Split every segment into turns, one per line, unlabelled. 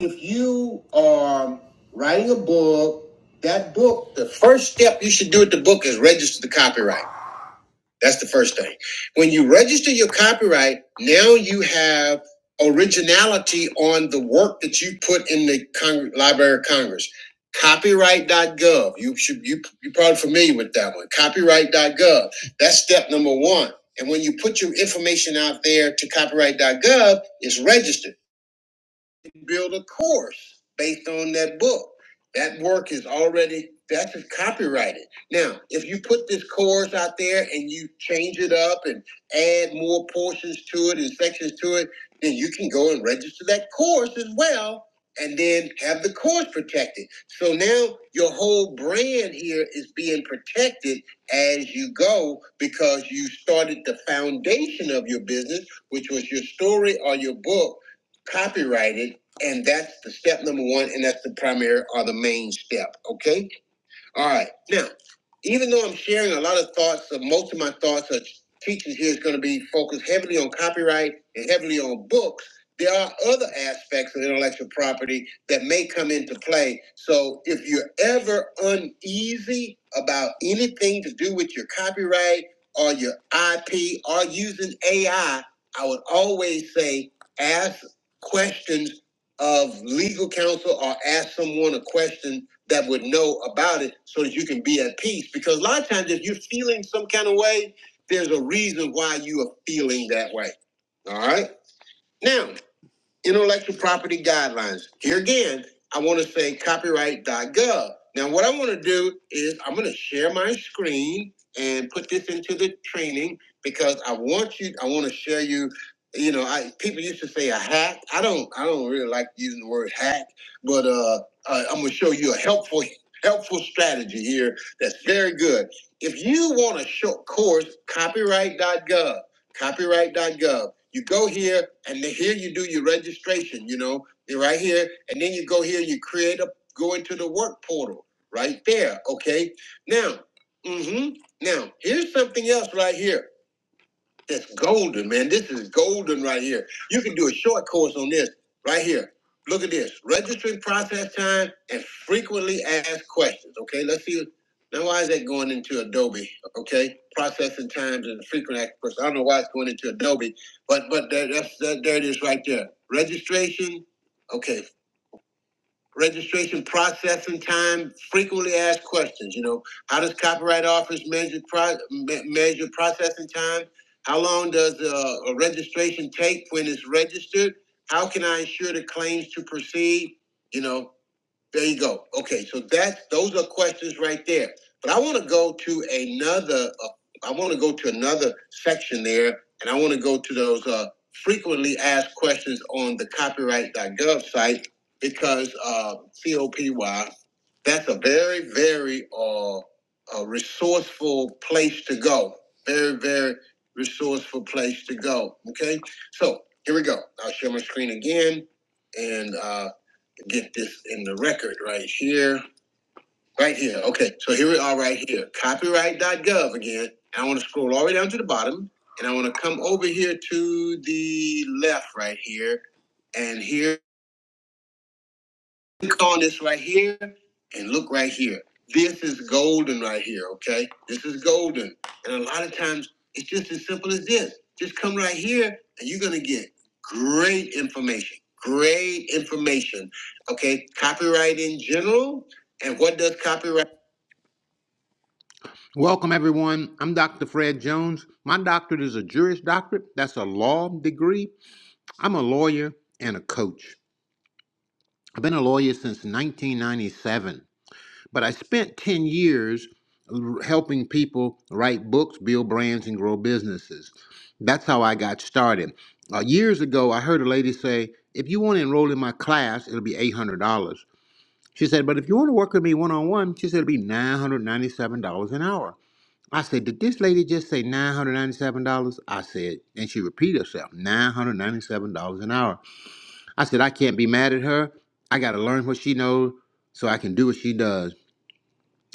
if you are writing a book, that book, the first step you should do with the book is register the copyright. That's the first thing. When you register your copyright, now you have originality on the work that you put in the Cong- Library of Congress. Copyright.gov. You should you you're probably familiar with that one. Copyright.gov. That's step number one. And when you put your information out there to copyright.gov, it's registered to build a course based on that book. That work is already that's just copyrighted. Now, if you put this course out there and you change it up and add more portions to it and sections to it, then you can go and register that course as well and then have the course protected. So now your whole brand here is being protected as you go because you started the foundation of your business, which was your story or your book, copyrighted and that's the step number one, and that's the primary or the main step. Okay. All right. Now even though I'm sharing a lot of thoughts, uh, most of my thoughts are teaching here is going to be focused heavily on copyright and heavily on books. There are other aspects of intellectual property that may come into play. So if you're ever uneasy about anything to do with your copyright or your IP or using AI, I I would always say ask questions of legal counsel or ask someone a question that would know about it so that you can be at peace. Because a lot of times, if you're feeling some kind of way, there's a reason why you are feeling that way. All right. Now, intellectual property guidelines. Here again, I want to say copyright.gov. Now, what I want to do is I'm going to share my screen and put this into the training because I want you. I want to share you. You know, I people used to say a hack. I don't. I don't really like using the word hack, but uh, I, I'm going to show you a helpful helpful strategy here that's very good. If you want a short course, copyright.gov copyright.gov. You go here, and then here you do your registration. You know, you're right here, and then you go here, you create a go into the work portal right there. Okay, now, mm hmm now here's something else right here. That's golden, man. This is golden right here. You can do a short course on this right here. Look at this. Registering process time and frequently asked questions. Okay, let's see. Now, why is that going into Adobe? Okay, processing times and frequent asked questions. I don't know why it's going into Adobe, but but that, that's that. There it is, right there. Registration. Okay, registration processing time, frequently asked questions. You know, how does copyright office measure pro- me- measure processing time? How long does uh, a registration take when it's registered? How can I ensure the claims to proceed? You know, there you go. Okay, so that's those are questions right there. But I want to go to another. Uh, I want to go to another section there, and I want to go to those uh, frequently asked questions on the copyright.gov site because uh, COPY. That's a very very uh, uh, resourceful place to go. Very very resourceful place to go. Okay, so here we go. I'll share my screen again and. Uh, get this in the record right here. Right here. Okay. So here we are right here. Copyright.gov again. And I want to scroll all the way down to the bottom. And I want to come over here to the left right here. And here Click on this right here and look right here. This is golden right here, okay? This is golden. And a lot of times it's just as simple as this. Just come right here and you're gonna get great information. Great information. Okay, copyright in general. And what does copyright? Welcome, everyone. I'm Dr. Fred Jones. My doctorate is a Juris doctorate. That's a law degree. I'm a lawyer and a coach. I've been a lawyer since 1997. But I spent 10 years helping people write books, build brands, and grow businesses. That's how I got started. Uh, years ago, I heard a lady say, If you want to enroll in my class, it'll be $800. She said, But if you want to work with me one on one, she said it'll be $997 an hour. I said, Did this lady just say $997? I said, and she repeated herself, $997 an hour. I said, I can't be mad at her. I got to learn what she knows so I can do what she does.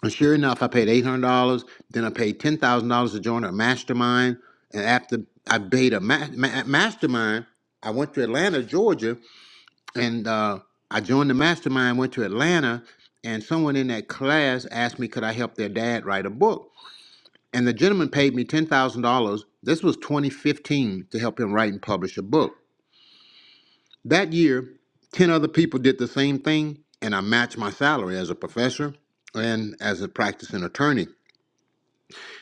And sure enough, I paid eight hundred dollars. Then I paid ten thousand dollars to join a mastermind. And after I paid a ma- ma- mastermind, I went to Atlanta, Georgia, and uh, I joined the mastermind. Went to Atlanta, and someone in that class asked me, could I help their dad write a book? And the gentleman paid me ten thousand dollars. This was 2015 to help him write and publish a book. That year, ten other people did the same thing, and I matched my salary as a professor and as a practicing attorney.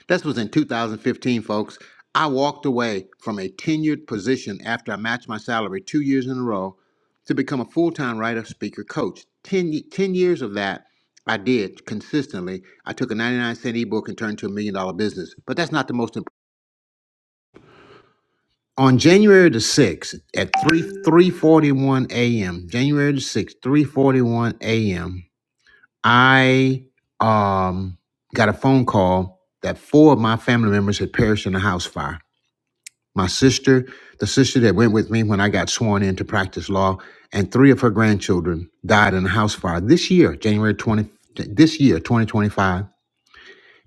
This was in 2015, folks. I walked away from a tenured position after I matched my salary two years in a row to become a full time writer, speaker, coach. Ten, ye- 10 years of that I did consistently. I took a 99 cent ebook and turned it to a million dollar business. But that's not the most important. On January the 6th at 3 3:41 a.m., January the 6th, 3:41 a.m., I um got a phone call that four of my family members had perished in a house fire. my sister, the sister that went with me when I got sworn in to practice law, and three of her grandchildren died in a house fire this year, January 20, this year, 2025.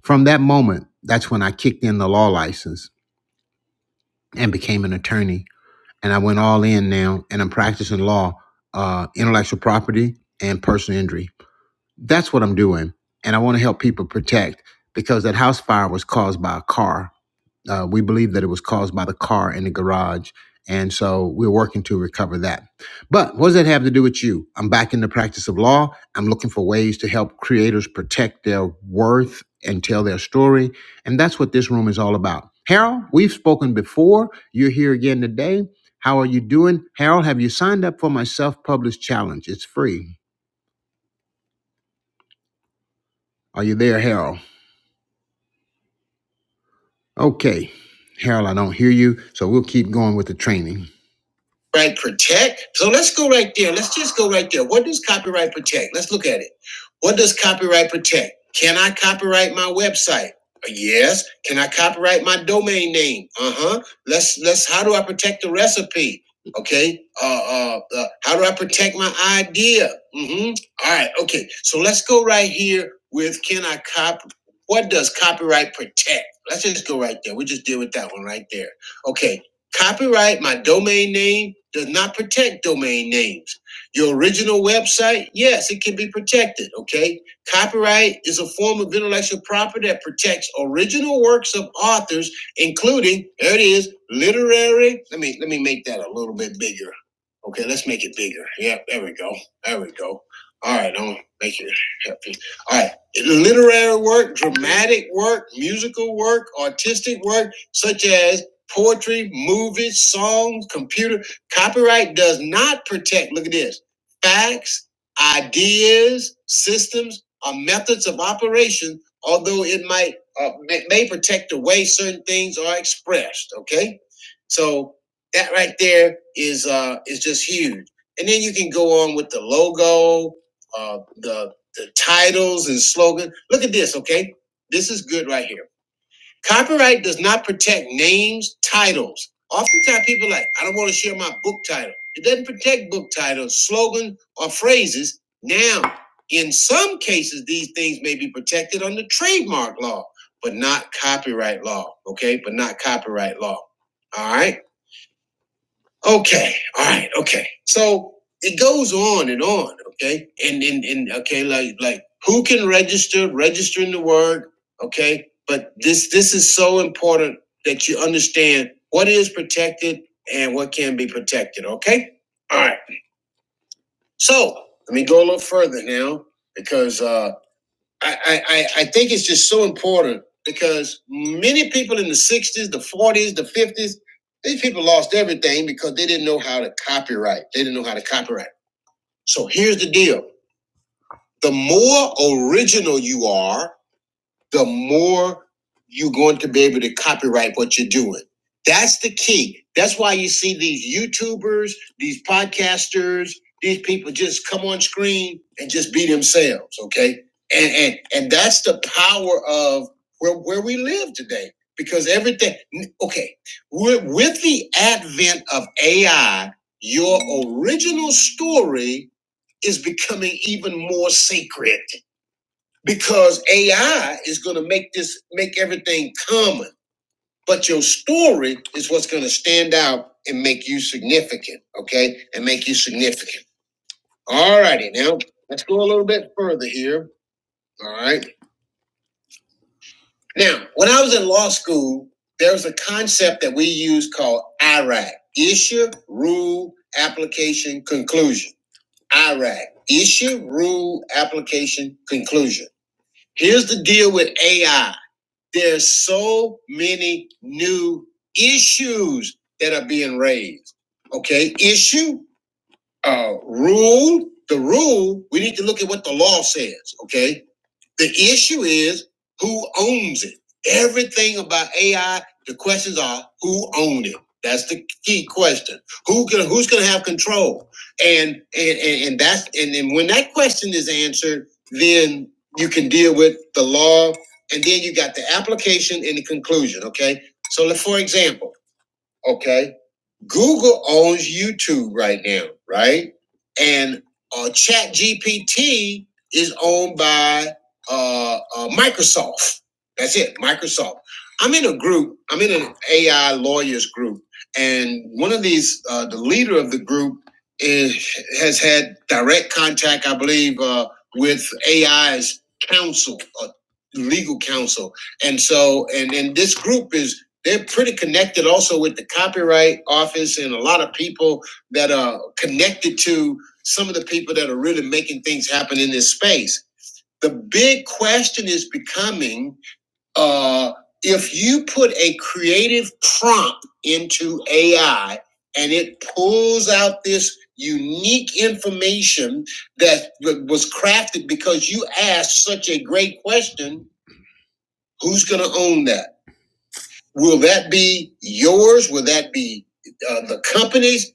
From that moment, that's when I kicked in the law license and became an attorney. And I went all in now, and I'm practicing law, uh, intellectual property, and personal injury. That's what I'm doing. And I want to help people protect because that house fire was caused by a car Uh, we believe that it was caused by the car in the garage. And so we're working to recover that. But what does that have to do with you? I'm back in the practice of law. I'm looking for ways to help creators protect their worth and tell their story. And that's what this room is all about. Harold, we've spoken before. You're here again today. How are you doing? Harold, have you signed up for my self published challenge? It's free. Are you there, Harold? Okay. Harold, I don't hear you. So we'll keep going with the training. Right, protect. So let's go right there. Let's just go right there. What does copyright protect? Let's look at it. What does copyright protect? Can I copyright my website? Uh, Yes. Can I copyright my domain name? Uh huh. Let's let's. How do I protect the recipe? Okay. Uh, uh, uh how do I protect my idea? Mm-hmm. All right. Okay. So let's go right here with can I cop? What does copyright protect? Let's just go right there. We just deal with that one right there. Okay. Copyright my domain name does not protect domain names. Your original website, yes, it can be protected, okay? Copyright is a form of intellectual property that protects original works of authors, including, there it is, literary. Let me let me make that a little bit bigger. Okay, let's make it bigger. Yeah, there we go. There we go. All right, I'm gonna make it happy. All right. Literary work, dramatic work, musical work, artistic work, such as poetry, movies, songs, computer. Copyright does not protect, look at this, facts, ideas, systems, or methods of operation, although it might, uh, may, protect the way certain things are expressed, okay? So that right there is, uh, is just huge. And then you can go on with the logo, uh, the, the titles and slogan. Look at this, okay? This is good right here. Copyright does not protect names, titles. Oftentimes, people are like, I don't want to share my book title. It doesn't protect book titles, slogans, or phrases. Now, in some cases, these things may be protected under trademark law, but not copyright law. Okay, but not copyright law. All right. Okay. All right. Okay. So it goes on and on. Okay. And and and okay, like like who can register? Registering the word. Okay. But this this is so important that you understand what is protected and what can be protected. Okay. All right. So let me go a little further now because uh, I, I, I think it's just so important because many people in the 60s, the 40s, the 50s, these people lost everything because they didn't know how to copyright. They didn't know how to copyright. So here's the deal the more original you are, the more you're going to be able to copyright what you're doing. That's the key. That's why you see these YouTubers, these podcasters, these people just come on screen and just be themselves, okay? And and and that's the power of where where we live today because everything okay, with, with the advent of AI, your original story is becoming even more sacred because AI is going to make this make everything common. But your story is what's going to stand out and make you significant, okay? And make you significant. All righty, now let's go a little bit further here. All right. Now, when I was in law school, there was a concept that we used called IRAC: issue, rule, application, conclusion. IRAC: issue, rule, application, conclusion. Here's the deal with AI. There's so many new issues that are being raised. Okay, issue, uh, rule, the rule. We need to look at what the law says. Okay, the issue is who owns it. Everything about AI, the questions are who owns it. That's the key question. Who can? who's going to have control? And and and, and that's and, and when that question is answered, then you can deal with the law, and then you got the application and the conclusion. Okay. So, like, for example, okay, Google owns YouTube right now, right? And uh, Chat GPT is owned by uh, uh, Microsoft. That's it, Microsoft. I'm in a group. I'm in an AI lawyers group, and one of these, uh, the leader of the group, is, has had direct contact, I believe, uh, with AI's counsel, uh, legal counsel, and so, and and this group is they're pretty connected also with the copyright office and a lot of people that are connected to some of the people that are really making things happen in this space. The big question is becoming uh, if you put a creative prompt into AI and it pulls out this unique information that was crafted because you asked such a great question, who's going to own that? Will that be yours? Will that be uh, the company's?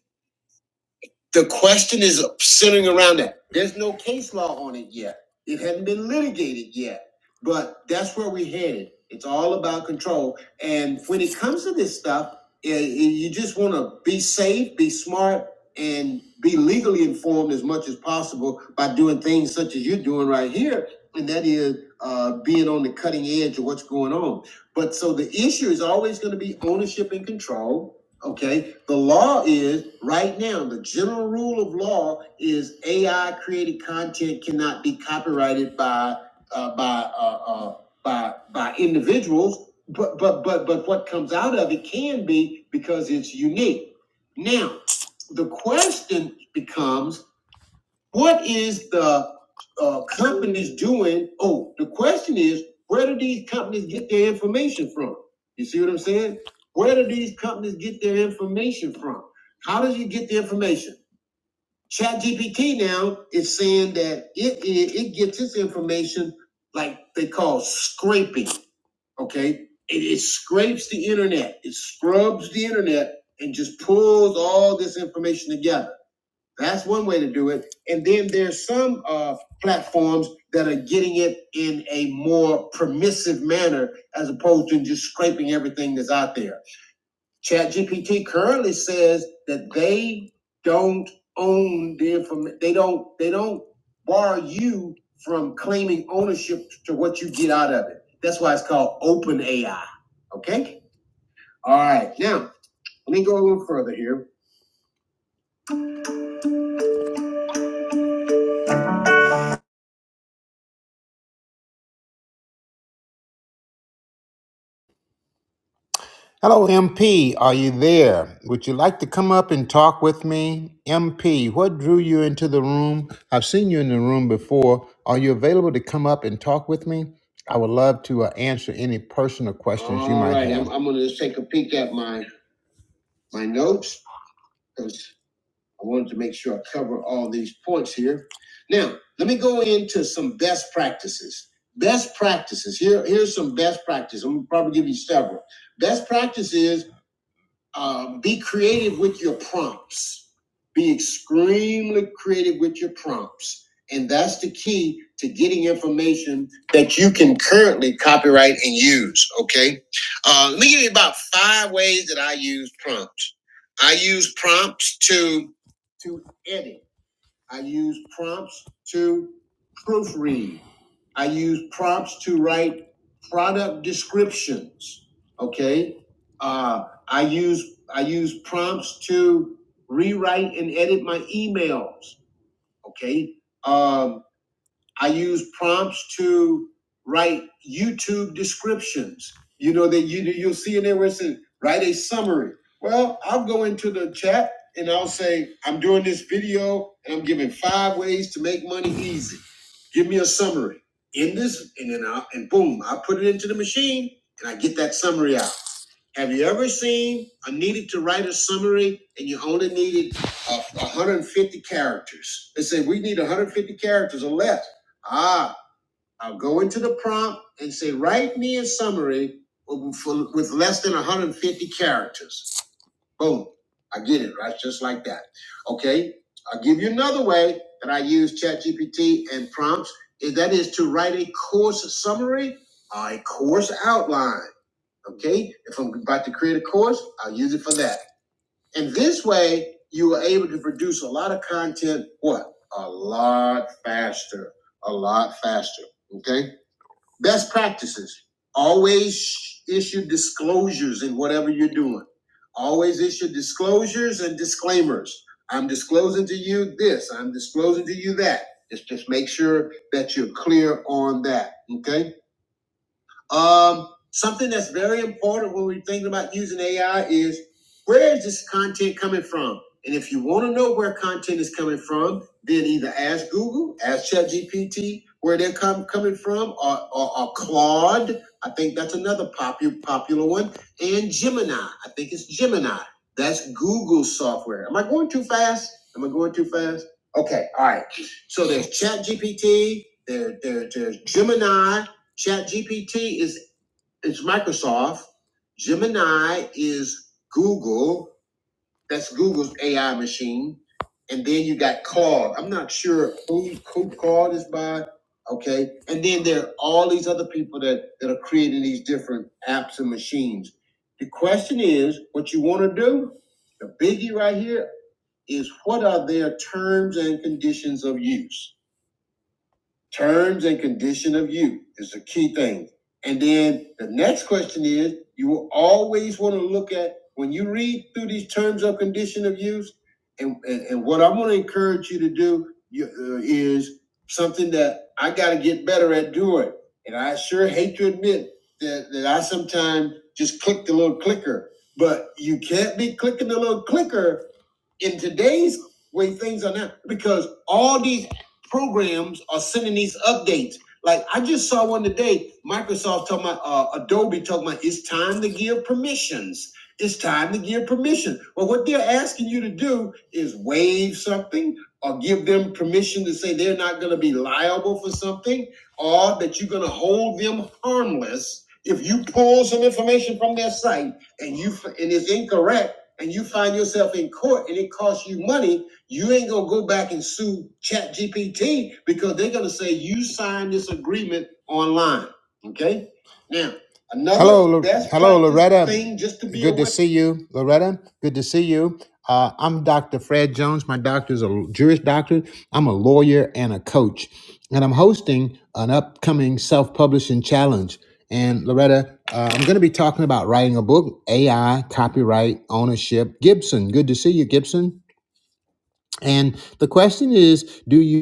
The question is centering around that. There's no case law on it yet. It hasn't been litigated yet, but that's where we're headed. It's all about control. And when it comes to this stuff, eh, eh, you just want to be safe, be smart, and be legally informed as much as possible by doing things such as you're doing right here, and that is uh, being on the cutting edge of what's going on. But so the issue is always going to be ownership and control Okay, the law is right now, the general rule of law is AI created content cannot be copyrighted by uh, by uh, uh, by by individuals, but but but but what comes out of it can be because it's unique. Now, the question becomes what is the uh, companies doing? Oh, the question is, where do these companies get their information from? You see what I'm saying? Where do these companies get their information from? How does you get the information? ChatGPT now is saying that it, it it gets its information like they call scraping. Okay, it, it scrapes the internet, it scrubs the internet, and just pulls all this information together. That's one way to do it. And then there's some uh, platforms that are getting it in a more permissive manner as opposed to just scraping everything that's out there. ChatGPT currently says that they don't own the information. They don't. They don't bar you from claiming ownership to what you get out of it. That's why it's called open AI. Okay. All right. Now let me go a little further here. Hello, MP. Are you there? Would you like to come up and talk with me? MP, what drew you into the room? I've seen you in the room before. Are you available to come up and talk with me? I would love to uh, answer any personal questions you might have. All right, have. I'm, I'm going to just take a peek at my, my notes because I wanted to make sure I cover all these points here. Now, let me go into some best practices. Best practices. Here, here's some best practices. I'm going to probably give you several. Best practices uh, be creative with your prompts. Be extremely creative with your prompts. And that's the key to getting information that you can currently copyright and use. Okay. Uh, let me give you about five ways that I use prompts. I use prompts to to edit. I use prompts to proofread. I use prompts to write product descriptions. Okay. Uh, I use I use prompts to rewrite and edit my emails. Okay. Um, I use prompts to write YouTube descriptions. You know that you you'll see in there where it says write a summary. Well, I'll go into the chat and I'll say I'm doing this video and I'm giving five ways to make money easy. Give me a summary in this, and then I and boom, I put it into the machine and I get that summary out. Have you ever seen I needed to write a summary and you only needed uh, 150 characters? They say we need 150 characters or less. Ah, I'll go into the prompt and say write me a summary with for- with less than 150 characters. Boom, I get it right, just like that. Okay, I'll give you another way that I use ChatGPT and prompts. That is to write a course summary, a course outline. Okay, if I'm about to create a course, I'll use it for that. And this way, you are able to produce a lot of content. What? A lot faster. A lot faster. Okay. Best practices. Always issue disclosures in whatever you're doing. Always issue disclosures and disclaimers. I'm disclosing to you this. I'm disclosing to you that. Just just make sure that you're clear on that. Okay um, something that's very important when we're thinking about using AI is where is this content coming from? And if you want to know where content is coming from, then either ask Google, ask ChatGPT where they're com- coming from, or, or, or Claude. I think that's another popular popular one, and Gemini. I think it's Gemini. That's Google software. Am I going too fast? Am I going too fast? Okay, all right. So there's ChatGPT, there, there, there's Gemini, ChatGPT is is Microsoft. Gemini is Google. That's Google's AI machine. And then you got Claude. I'm not sure who, who Claude is by. Okay. And then there are all these other people that, that are creating these different apps and machines. The question is what you want to do, the biggie right here is what are their terms and conditions of use? Terms and condition of use is the key thing. And then the next question is, you will always want to look at, when you read through these terms of condition of use, and, and, and what I'm going to encourage you to do you, uh, is something that I got to get better at doing. And I sure hate to admit that, that I sometimes just click the little clicker, but you can't be clicking the little clicker in today's way things are now because all these programs are sending these updates. Like I just saw one today, Microsoft talking about uh, Adobe talking about it's time to give permissions. It's time to give permission. Well, what they're asking you to do is waive something or give them permission to say they're not going to be liable for something or that you're going to hold them harmless if you pull some information from their site and you and it's incorrect and you find yourself in court and it costs you money, you ain't gonna go back and sue Chat GPT because they're gonna say you signed this agreement online. Okay? Now, another hello, Lo- best hello, practice Loretta. thing just to be good to aware- see you, Loretta. Good to see you. Uh, I'm Dr. Fred Jones. My doctor is a Jewish doctor. I'm a lawyer and a coach. And I'm hosting an upcoming self publishing challenge. And Loretta, uh, I'm going to be talking about writing a book, AI, copyright, ownership. Gibson, good to see you, Gibson. And the question is, do you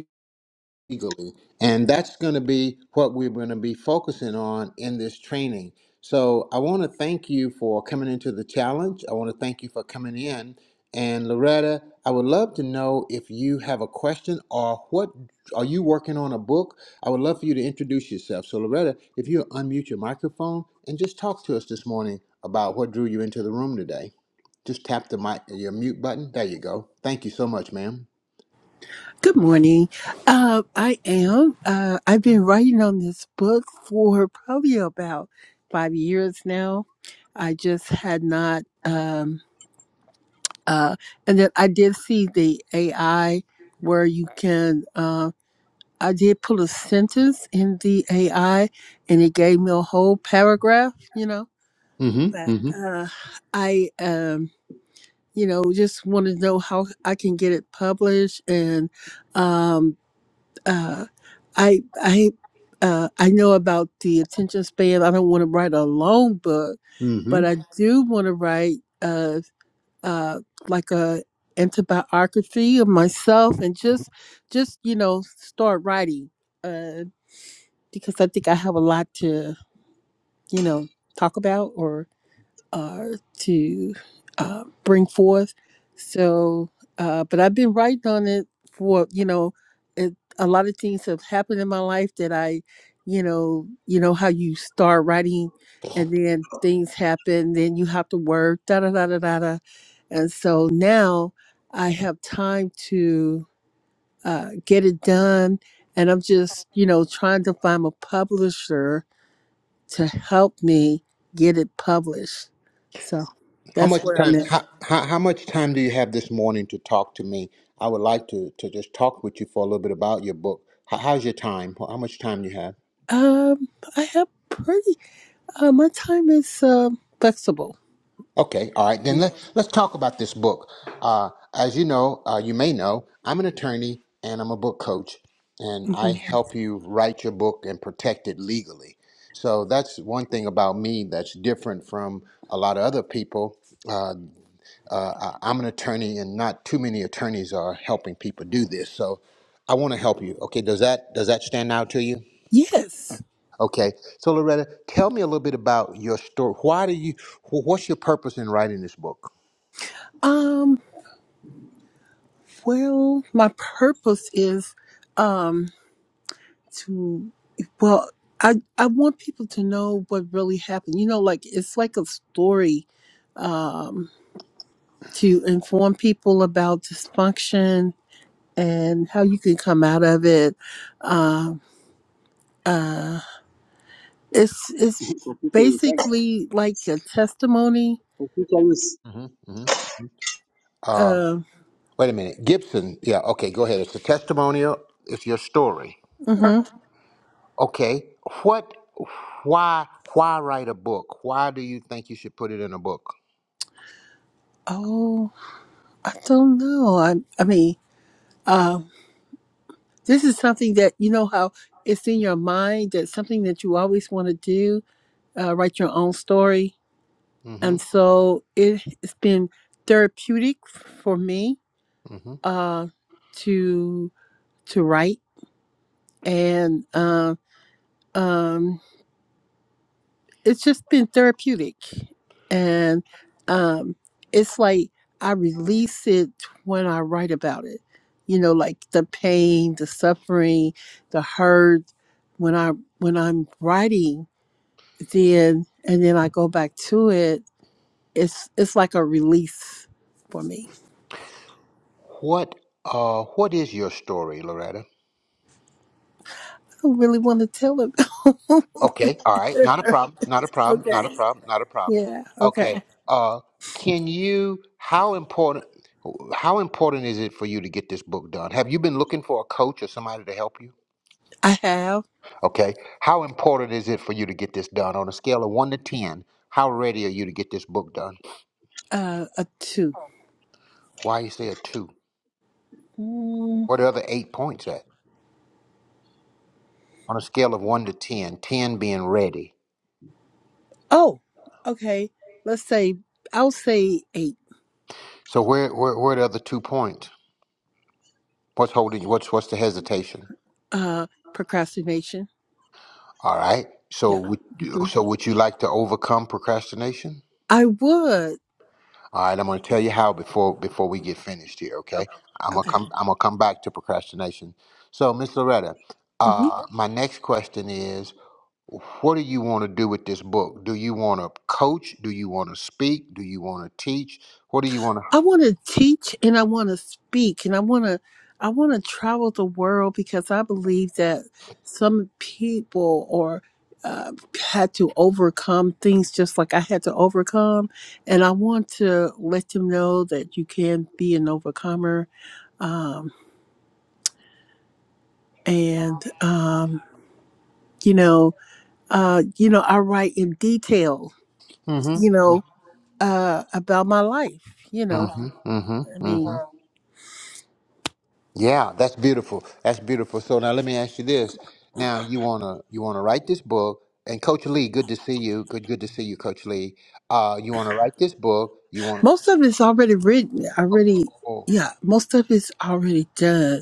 legally. And that's going to be what we're going to be focusing on in this training. So I want to thank you for coming into the challenge. I want to thank you for coming in. And Loretta, I would love to know if you have a question or what are you working on a book? I would love for you to introduce yourself. So Loretta, if you unmute your microphone and just talk to us this morning about what drew you into the room today. Just tap the mic, your mute button. There you go. Thank you so much, ma'am.
Good morning. Uh, I am. Uh, I've been writing on this book for probably about five years now. I just had not. Um, uh, and then I did see the AI where you can. Uh, I did put a sentence in the AI, and it gave me a whole paragraph. You know,
Mm-hmm.
but
Mm-hmm.
uh, I um, you know, just want to know how I can get it published and. Um, uh, I I uh, I know about the attention span. I don't want to write a long book,
mm-hmm.
but I do want to write uh, uh, like a autobiography of myself and just just you know start writing uh, because I think I have a lot to you know talk about uh, to uh, bring forth. So, uh, but I've been writing on it for you know, it, a lot of things have happened in my life that I, you know, you know how you start writing, and then things happen, then you have to work, da da da da da da, and so now I have time to uh, get it done, and I'm just you know trying to find a publisher to help me get it published. So
How
that's
much
where I'm
time?
at.
How, how, how much time do you have this morning to talk to me? I would like to to just talk with you for a little bit about your book. How, how's your time? How much time you have?
Um, I have pretty. Uh, my time is um flexible.
Okay, all right. Then let let's talk about this book. Uh, as you know, uh, you may know, I'm an attorney and I'm a book coach, and I Mhm.
Mhm.
help you write your book and protect it legally. So that's one thing about me that's different from a lot of other people. Uh, Uh, I- I'm an attorney, and not too many attorneys are helping people do this. So I want to help you. Okay, does that does that stand out to you?
Yes.
Okay, so Loretta, tell me a little bit about your story. Why do you? wh- What's your purpose in writing this book?
Um. Well, my purpose is um to well. I, I want people to know what really happened. You know, like it's like a story um, to inform people about dysfunction and how you can come out of it. Um, Uh. It's it's
Computer Yes.
basically like a testimony.
Computer Yes.
hmm hmm Uh,
Uh,
wait a minute, Gibson. Yeah, okay, go ahead. It's a testimonial. It's your story.
hmm
Okay, what? Why? Why write a book? Why do you think you should put it in a book?
Oh, I don't know. I I mean, uh, this is something that you know how it's in your mind. That's something that you always want to do. Uh, write your own story,
hmm
and so it, it's been therapeutic for me
hmm
uh, to to write and. Uh, um it's just been therapeutic and um it's like i release it when i write about it you know like the pain the suffering the hurt when i when i'm writing then and then i go back to it it's it's like a release for me
What? Uh, what is your story, Loretta?
i don't really want to tell them
Okay, all right. Not a problem. Not a problem. Not a
okay
problem. Not a problem.
yeah
Okay.
okay
Uh can you how important how important is it for you to get this book done? Have you been looking for a coach or somebody to help you?
i have
Okay. How important is it for you to get this done on a scale of 1 to 10? How ready are you to get this book done?
uh a two
Why you say a 2?
Hmm.
Where the other 8 points at? On a scale of 1 to 10, 10 being ready.
Oh, okay. Let's say I'll say eight.
So where where where are the other 2 points? What's holding you? What's what's the hesitation?
Uh, procrastination.
All right. So
Yeah.
would you,
hmm
so would you like to overcome procrastination?
I would.
All right, I'm going to tell you how before before we get finished here, okay?
o-
I'm going to
Okay.
come I'm going to come back to procrastination. So, Miss Loretta,
hmm
uh my next question is what do you want to do with this book? Do you want to coach? Do you want to speak? Do you want to teach? What do you want
I
to
want to teach and I want to speak and I want to. I want to travel the world because I believe that some people or uh, had to overcome things just like I had to overcome, and I want to let them know that you can be an overcomer. Um, and um, you know, uh, you know, I write in detail,
mm Mhm.
you know, uh, about my life. You know,
mm Mhm. Mhm.
I
Mhm.
mean,
Yeah, that's beautiful. That's beautiful. So now let me ask you this. Now you wanna you wanna write this book and Coach Lee, good to see you. Good good to see you, Coach Lee. Uh you wanna write this book, you wanna
most of it's already written, already,
oh,
yeah, most of it's already done.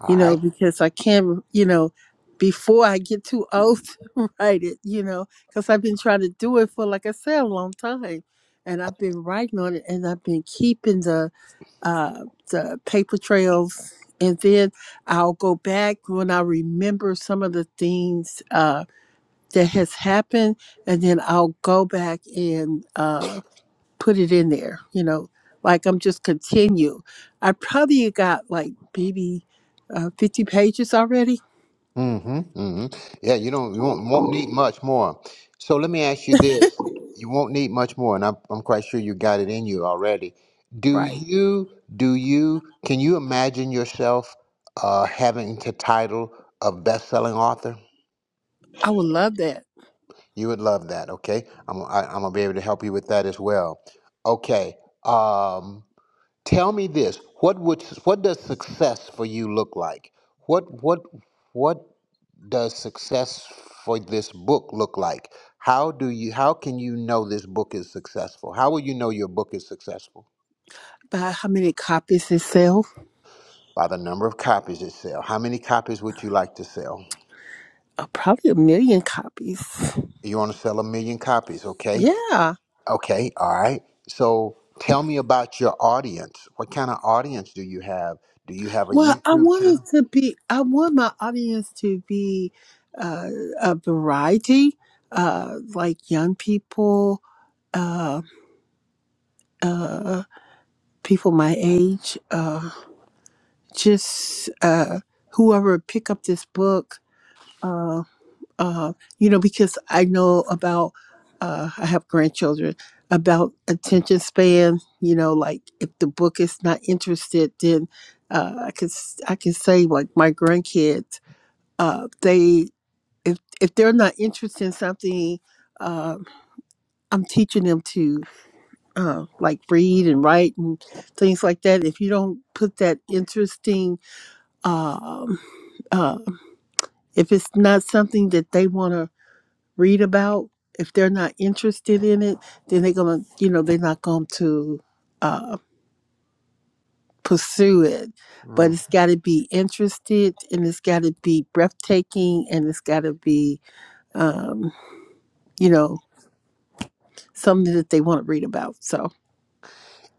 all
you know,
right.
because I can't, you know, before I get too old to write it, you know, because I've been trying to do it for, like I said, a long time. And I've been writing on it and I've been keeping the, uh, the paper trails. And then I'll go back when I remember some of the things uh, that has happened. And then I'll go back and uh, put it in there, you know, like I'm just continue. I probably got like maybe uh, 50 pages already.
Mm-hmm. Mm-hmm. Yeah, you don't you won't, won't need much more. So let me ask you this. You won't need much more, and I'm I'm quite sure you got it in you already. Do
Right.
you do you can you imagine yourself uh having the title of best selling author?
I would love that.
You would love that, okay? I'm I, I'm gonna be able to help you with that as well. Okay. Um, tell me this: what would what does success for you look like? What what what does success for this book look like? How do you how can you know this book is successful? How will you know your book is successful?
By how many copies it sell?
By the number of copies it sells. How many copies would you like to sell?
Uh, probably a million copies.
You want to sell a million copies, okay?
Yeah.
Okay, all right. So tell me about your audience. What kind of audience do you have? Do you have a
Well, I
YouTube
wanted
channel?
to be, I want my audience to be uh, a variety, uh, like young people, uh, uh, people my age, uh, just uh, whoever pick up this book, uh, uh, you know, because I know about, uh, I have grandchildren, about attention span. You know, like if the book is not interested, then uh, I can s- I can say like my grandkids, uh, they if if they're not interested in something. Uh, I'm teaching them to uh, like read and write and things like that. If you don't put that interesting um, uh, if it's not something that they want to read about, if they're not interested in it, then they're gonna, you know, they're not going to uh, pursue it. But
Mm.
it's got to be interested, and it's got to be breathtaking, and it's got to be, um, you know, something that they want to read about. So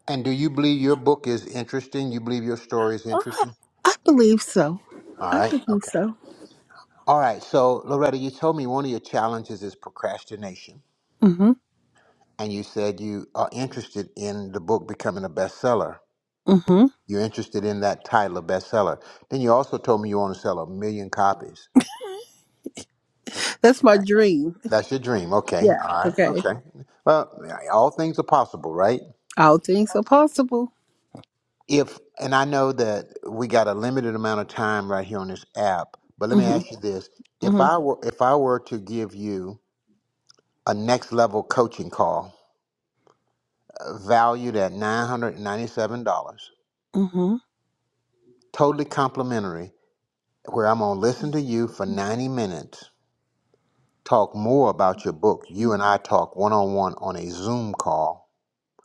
And do you believe your book is interesting? You believe your story is
I
interesting?
I believe so.
All
I
right,
believe
okay.
so.
All right, so Loretta, you told me one of your challenges is procrastination,
Mm-hmm.
and you said you are interested in the book becoming a bestseller.
Mm-hmm.
You're interested in that title, of bestseller. Then you also told me you want to sell a million copies.
That's my dream.
That's your dream. Okay.
Yeah.
All right.
Okay.
Okay. Well, all things are possible, right?
All things are possible.
If, and I know that we got a limited amount of time right here on this app, but let me
Mm-hmm.
ask you this.
mm-hmm.
If I were, if I were to give you a next level coaching call uh, valued at $997,
Mm-hmm.
totally complimentary, where I'm going to listen to you for 90 minutes, talk more about your book. You and I talk one on one on a Zoom call.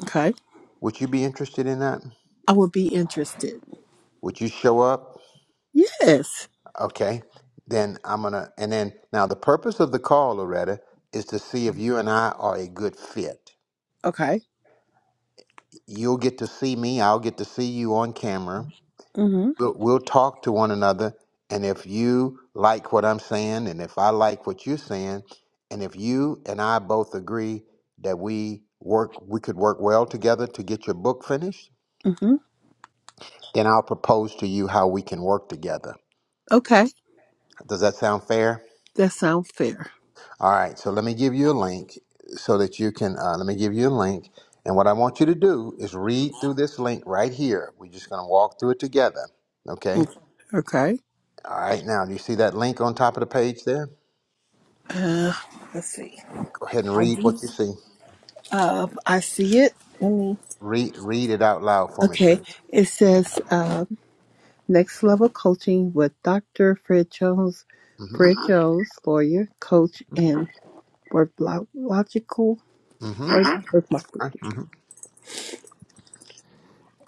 Okay.
Would you be interested in that?
I would be interested.
Would you show up?
Yes.
Okay, then I'm gonna, and then now the purpose of the call, Loretta, is to see if you and I are a good fit.
Okay.
You'll get to see me, I'll get to see you on camera.
Mm-hmm.
We'll, we'll talk to one another, and if you like what I'm saying, and if I like what you're saying, and if you and I both agree that we work, we could work well together to get your book finished,
Mm-hmm.
then I'll propose to you how we can work together.
Okay.
Does that sound fair?
That sounds fair.
All right, so let me give you a link so that you can, uh, let me give you a link. And what I want you to do is read through this link right here. We're just going to walk through it together. Okay?
Okay.
All right, now, do you see that link on top of the page there?
Uh, let's see.
Go ahead and read what you see.
Uh, I see it. Let me.
Read, read it out loud for me,
Okay.
please.
It says uh, next level coaching with Dr. Fred Jones,
Mm
Fred Jones, lawyer, coach, and work lo- logical.
hmm. Mm
Work, work logical.
hmm.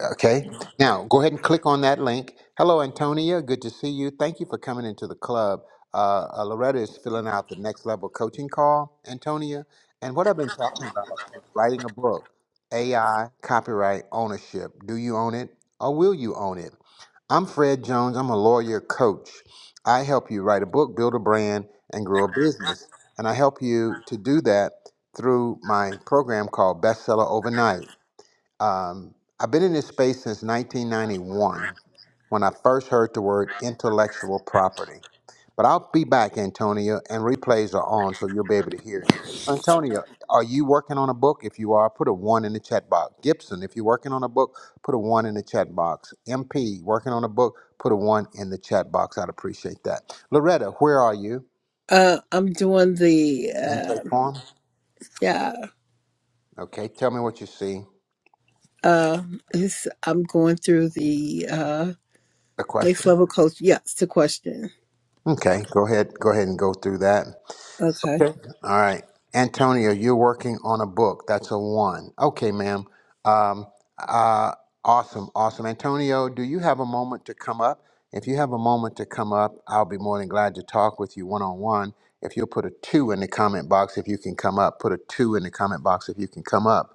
Okay. Now go ahead and click on that link. Hello, Antonia. Good to see you. Thank you for coming into the club. Uh, uh, Loretta is filling out the next level coaching call, Antonia. And what I've been talking about is writing a book AI, copyright, ownership. Do you own it or will you own it? I'm Fred Jones. I'm a lawyer coach. I help you write a book, build a brand, and grow a business. And I help you to do that through my program called Bestseller Overnight. Um, I've been in this space since 1991 when I first heard the word intellectual property. But I'll be back, Antonio, and replays are on, so you'll be able to hear it. So, Antonio, are you working on a book? If you are, put a one in the chat box. Gibson, if you're working on a book, put a one in the chat box. MP, working on a book, put a one in the chat box. I'd appreciate that. Loretta, where are you?
Uh, I'm doing the
Intake
uh,
form.
yeah.
Okay, tell me what you see.
Uh, it's, I'm going through the uh,
A
Next
question?
level coach. Yes, to question.
Okay, go ahead. Go ahead and go through that.
Okay.
Okay. All right. Antonio, you're working on a book. That's a one. Okay, ma'am. Um, uh, awesome. Awesome. Antonio, do you have a moment to come up? If you have a moment to come up, I'll be more than glad to talk with you one on one. If you'll put a two in the comment box, if you can come up, put a two in the comment box if you can come up.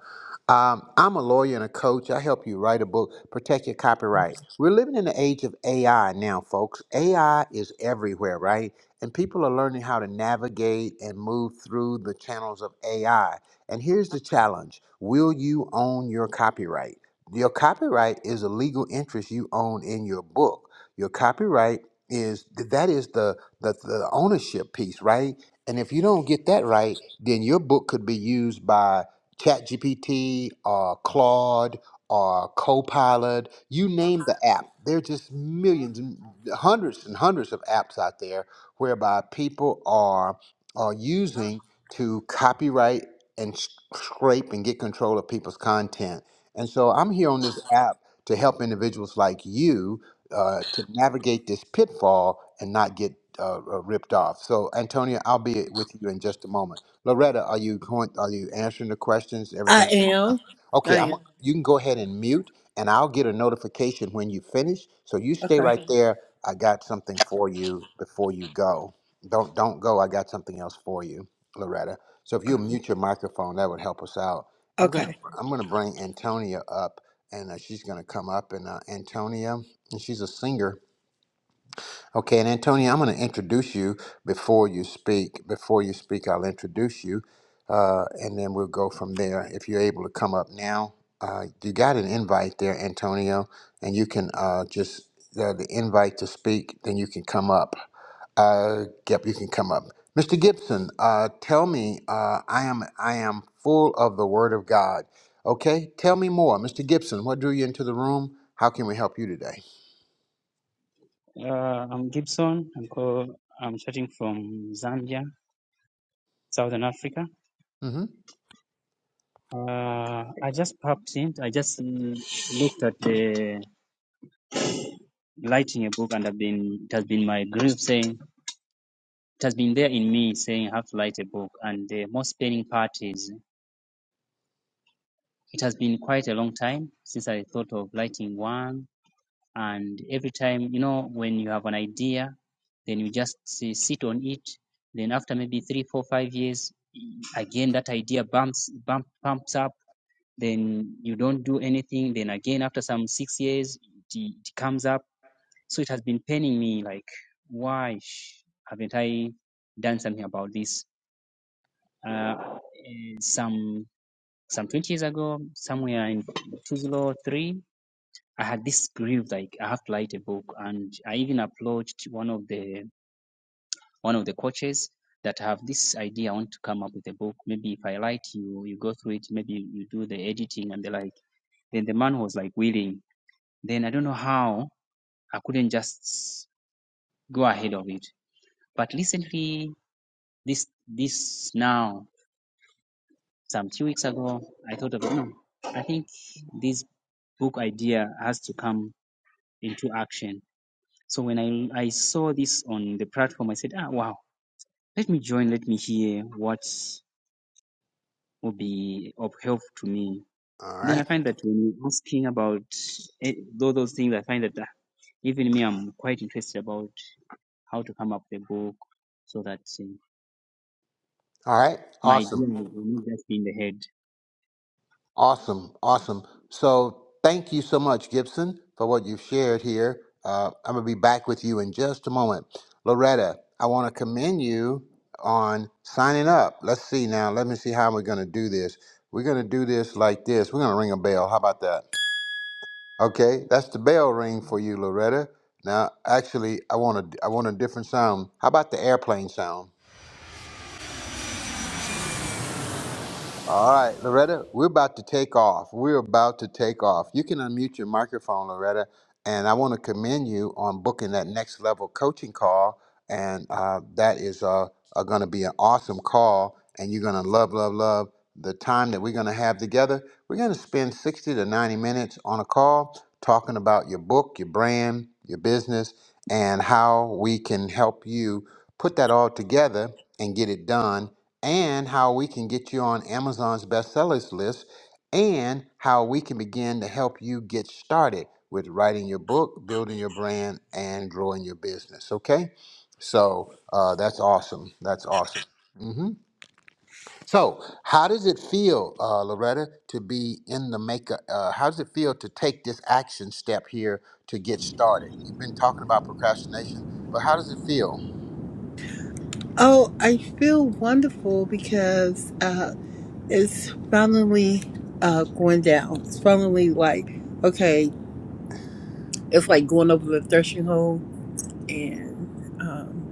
Um, I'm a lawyer and a coach. I help you write a book, protect your copyright. We're living in the age of AI now, folks. AI is everywhere, right? and people are learning how to navigate and move through the channels of AI. And here's the challenge Will you own your copyright? Your copyright is a legal interest you own in your book. Your copyright is that is the, the the ownership piece, right? And if you don't get that right, then your book could be used by ChatGPT or Claude or Copilot. You name the app. There are just millions, and hundreds and hundreds of apps out there whereby people are are using to copyright and s- scrape and get control of people's content. And so I'm here on this app to help individuals like you uh, to navigate this pitfall and not get uh, uh, ripped off. So Antonia, I'll be with you in just a moment. Loretta, are you going? Are you answering the questions?
I
Everything going
am.
well?
I
Okay, I'm.
am.
You can go ahead and mute, and I'll get a notification when you finish. So you stay
Okay.
right Mhm. there I got something for you before you go. Don't don't go. I got something else for you, Loretta. So if you mute your microphone, that would help us out. I'm gonna
Okay.
I'm gonna bring Antonia up, and uh, she's gonna come up. And uh, Antonia, and she's a singer Okay, and Antonio, I'm going to introduce you before you speak. Before you speak, I'll introduce you, uh, and then we'll go from there. If you're able to come up now, uh, you got an invite there, Antonio, and you can uh, just uh, the invite to speak. Then you can come up. Uh, yep, you can come up, Mr. Gibson. Uh, tell me, uh, I am I am full of the Word of God. Okay, tell me more, Mr. Gibson. What drew you into the room? How can we help you today?
Uh, I'm Gibson. I'm co- I'm chatting from Zambia, Southern Africa.
Mm-hmm.
Uh, I just popped in. I just mm, looked at the lighting a book, and I've been it has been my grief saying it has been there in me saying I have to light a book. And the most paining part is it has been quite a long time since I thought of lighting one. And every time you know when you have an idea, then you just say, sit on it. Then after maybe three, four, five years, again that idea bumps bump bumps up then you don't do anything then again after some six years it, it comes up so it has been paining me like why sh- haven't i done something about this uh, eh, some some 20 years ago somewhere in 2003 i had this grief like i have to write a book and i even approached one of the one of the coaches that have this idea. I want to come up with a book. Maybe if I like you you go through it. Maybe you do the editing and the like. Then the man was like willing. Then I don't know how I couldn't just go ahead of it. But recently, this this now some few weeks ago, I thought of no. I think this book idea has to come into action. So when I I saw this on the platform, I said, ah, wow. Let me join. Let me hear what will be of help to me
All
Then I
right.
find that when you're asking about eh, tho- those things, I find that uh, even me, I'm quite interested about how to come up with a book so that eh,
All right.
my idea
Awesome.
will will not just be in the head.
Awesome, awesome. So thank you so much, Gibson, for what you've shared here. Uh, I'm gonna be back with you in just a moment. Loretta, I want to commend you on signing up. Let's see now. Let me see how we're gonna do this. We're gonna do this like this. We're gonna ring a bell. How about that? Okay, that's the bell ring for you, Loretta. Now, actually, I want a, I want a different sound. How about the airplane sound? All right, Loretta, we're about to take off. We're about to take off. You can unmute your microphone, Loretta, and I want to commend you on booking that next level coaching call. And uh, that is uh, uh, going to be an awesome call, and you're going to love, love, love the time that we're going to have together. We're going to spend 60 to 90 minutes on a call talking about your book, your brand, your business, and how we can help you put that all together and get it done and how we can get you on Amazon's bestsellers list, and how we can begin to help you get started with writing your book, building your brand, and growing your business. Okay, so uh, that's awesome. That's awesome. hmm So, how does it feel, uh, Loretta, to be in the makeup? Uh, how does it feel to take this action step here to get started? You've been talking about procrastination, but how does it feel?
Oh, I feel wonderful because uh it's finally uh going down. It's finally like okay, it's like going over the threshing hole and um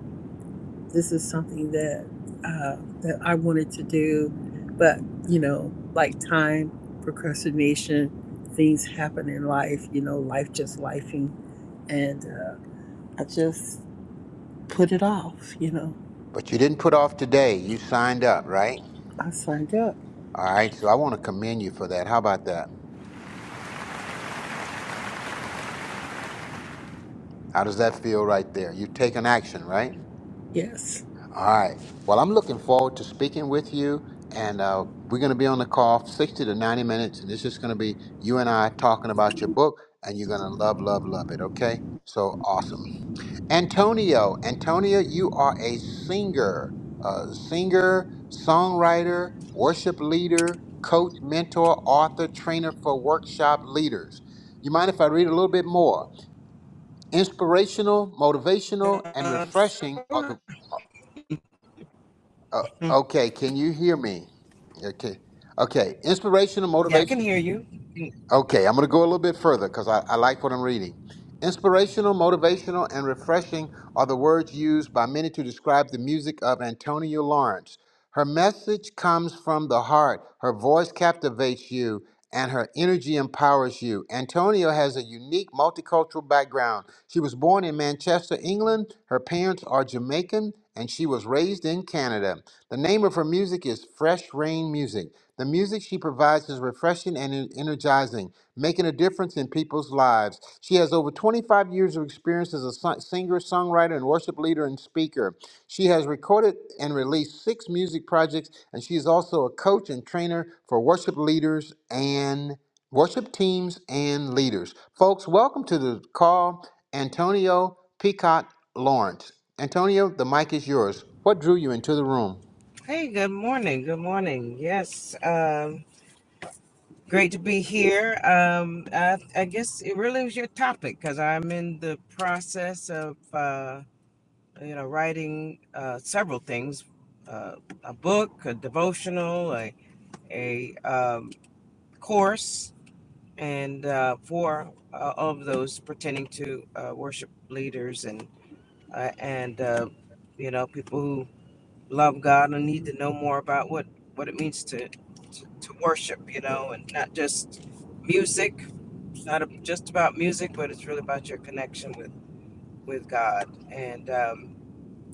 this is something that uh that I wanted to do, but you know, like time, procrastination, things happen in life, you know, life just lifing and uh, I just put it off, you know.
But you didn't put off today. You signed up, right?
I signed up.
All right, so I want to commend you for that. How about that? How does that feel right there? You've taken action, right?
Yes.
All right. Well, I'm looking forward to speaking with you, and uh, we're going to be on the call 60 to 90 minutes, and it's just going to be you and I talking about your book, and you're going to love, love, love it, okay? So awesome. Antonio, Antonio, you are a singer, uh, singer, songwriter, worship leader, coach, mentor, author, trainer for workshop leaders. You mind if I read a little bit more? Inspirational, motivational, and
Um,
refreshing are the.
sure.
Uh, okay, can you hear me? Okay, okay. Inspirational,
Yeah, I
motivational.
can hear you.
Okay, I'm going to go a little bit further because I, I like what I'm reading. Inspirational, motivational, and refreshing are the words used by many to describe the music of Antonia Lawrence. Her message comes from the heart, her voice captivates you, and her energy empowers you. Antonia has a unique multicultural background. She was born in Manchester, England. Her parents are Jamaican, and she was raised in Canada. The name of her music is Fresh Rain Music. The music she provides is refreshing and energizing, making a difference in people's lives. She has over 25 years of experience as a son- singer, songwriter, and worship leader and speaker. She has recorded and released six music projects, and she is also a coach and trainer for worship leaders and worship teams and leaders. Folks, welcome to the call, Antonio Peacock Lawrence. Antonio, the mic is yours. What drew you into the room?
Hey, good morning. Good morning. Yes, um, great to be here. Um, I, I guess it really was your topic because I'm in the process of, uh, you know, writing uh, several things uh, a book, a devotional, a, a um, course, and uh, four uh, all of those pertaining to uh, worship leaders and, uh, and uh, you know, people who love God and need to know more about what what it means to to, to worship, you know, and not just music. It's not just about music, but it's really about your connection with with God and um,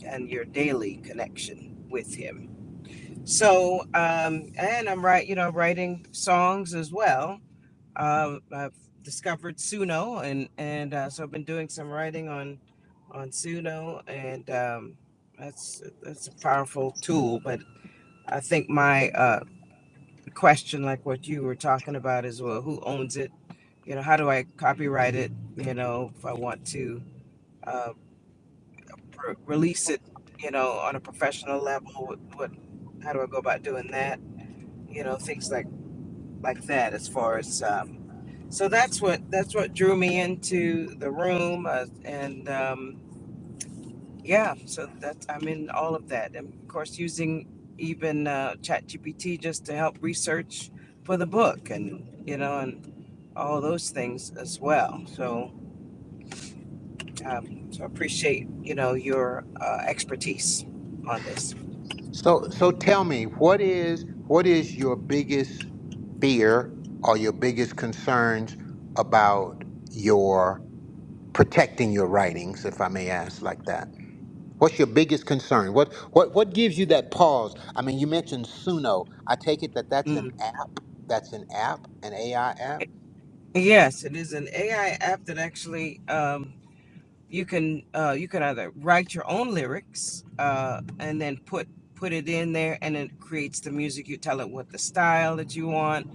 and your daily connection with Him. So, um, and I'm right, you know, writing songs as well. Um, I've discovered Suno, and and uh, so I've been doing some writing on on Suno, and um, that's that's a powerful tool, but I think my uh, question, like what you were talking about, is well, who owns it? You know, how do I copyright it? You know, if I want to uh, pr- release it, you know, on a professional level, what, what, how do I go about doing that? You know, things like like that. As far as um, so, that's what that's what drew me into the room, uh, and um, Yeah, so that's I'm in all of that, and of course using even uh, ChatGPT just to help research for the book, and you know, and all those things as well. So, um, so I appreciate you know your uh, expertise on this.
So so tell me, what is what is your biggest fear or your biggest concerns about your protecting your writings, if I may ask like that? What's your biggest concern? What what what gives you that pause? I mean, you mentioned Suno. I take it that that's an
Mm.
app. That's an app, an AI app.
Yes, it is an AI app that actually. Um, you can uh, you can either write your own lyrics uh, and then put put it in there and it creates the music you tell it what the style that you want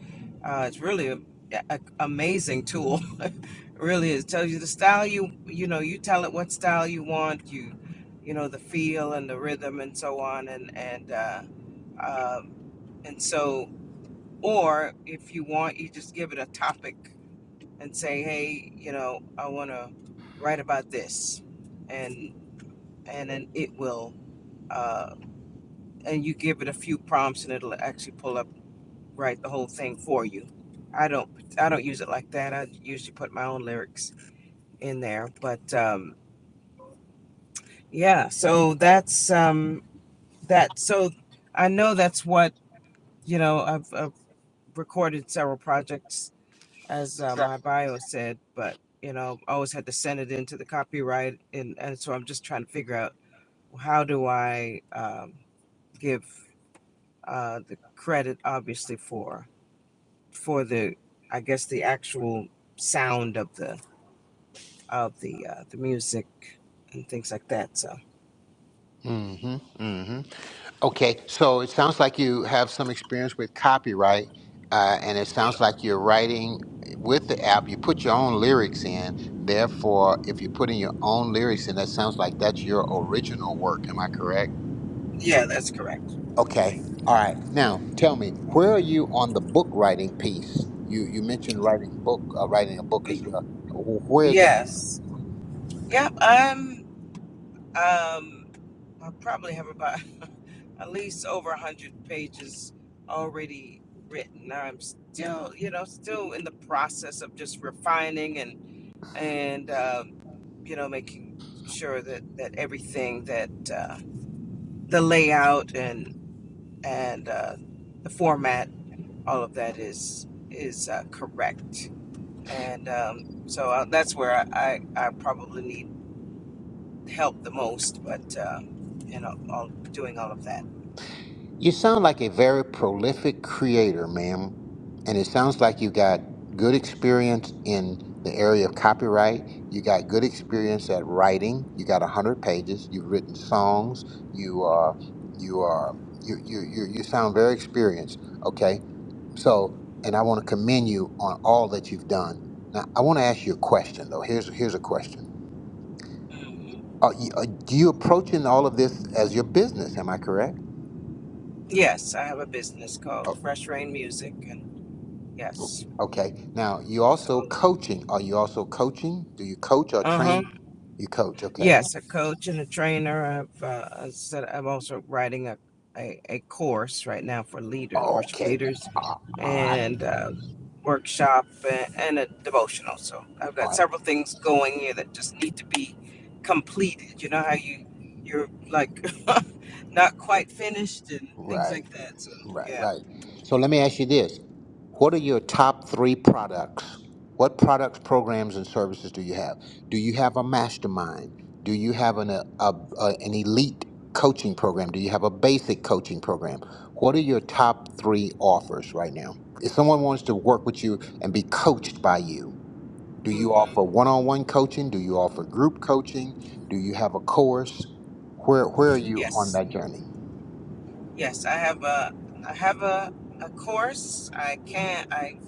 uh, it's really a, a- amazing tool really is. It tells you the style you you know you tell it what style you want you you know the feel and the rhythm and so on and and uh, um, and so or if you want you just give it a topic and say, "Hey, you know, I want to write about this," and and then it will, uh, and you give it a few prompts, and it'll actually pull up write the whole thing for you. I don't I don't use it like that. I usually put my own lyrics in there, but um, yeah. So that's um, that. So I know that's what you know. I've, I've recorded several projects as uh, my bio said, but you know, I always had to send it into the copyright, and and so I'm just trying to figure out how do I um, give uh, the credit, obviously for for the, I guess the actual sound of the of the uh, the music and things like that. So
Mm-hmm. mm-hmm. Okay, so it sounds like you have some experience with copyright, uh, and it
yeah,
sounds like you're writing with the app. You put your own lyrics in. Therefore, if you're putting your own lyrics in, that sounds like that's your original work. Am I correct?
yeah, that's correct.
Okay. All right. Now, tell me, where are you on the book writing piece? You you mentioned writing book, uh, writing a book
Y-
as well. Wh- Where is that?
Yes, yep. I'm um I probably have about at least over a hundred pages already written. I'm still, you know, still in the process of just refining and and um, you know making sure that that everything that uh, the layout and and uh, the format, all of that is is uh, correct. And um, so uh, that's where I, I, I probably need help the most. But uh, you know, all, doing all of
You sound like a very prolific creator, ma'am. And it sounds like you got good experience in the area of copyright. You got good experience at writing. You got 100 pages. You've written songs. You are, you are, you, you, you, you sound very experienced. Okay. So, and I want to commend you on all that you've done. Now, I want to ask you a question though. Here's, here's a question.
that.
Are you, are, do you approaching all of this as your business? Am I correct?
Yes, I have a business called Fresh Rain Music, and yes,
Okay. Now you
so
also
all of that.
coaching. Are you also coaching? Do you coach or
uh huh.
train? Mhm. You coach. Okay.
Yes, a coach and a trainer. I've uh, I said I'm also writing a, a a course right now for leaders, worship
Okay.
leaders,
All right.
and uh, workshop and, and a devotional. So I've
All
got
right.
several things going here that just need to be completed. You know how you you're like not quite finished and things
Right.
like that. So
Right.
yeah,
Right. So let me ask you this: What are your top three products? What products, programs, and services do you have? Do you have a mastermind? Do you have an a, a, a- an elite coaching program? Do you have a basic coaching program? What are your top three offers right now? If someone wants to work with you and be coached by you, Do you
hmm
offer one-on-one coaching? Do you offer group coaching? Do you have a course? Where where are you on
yes.
that journey?
Yes, I have a I have a, a course. I can I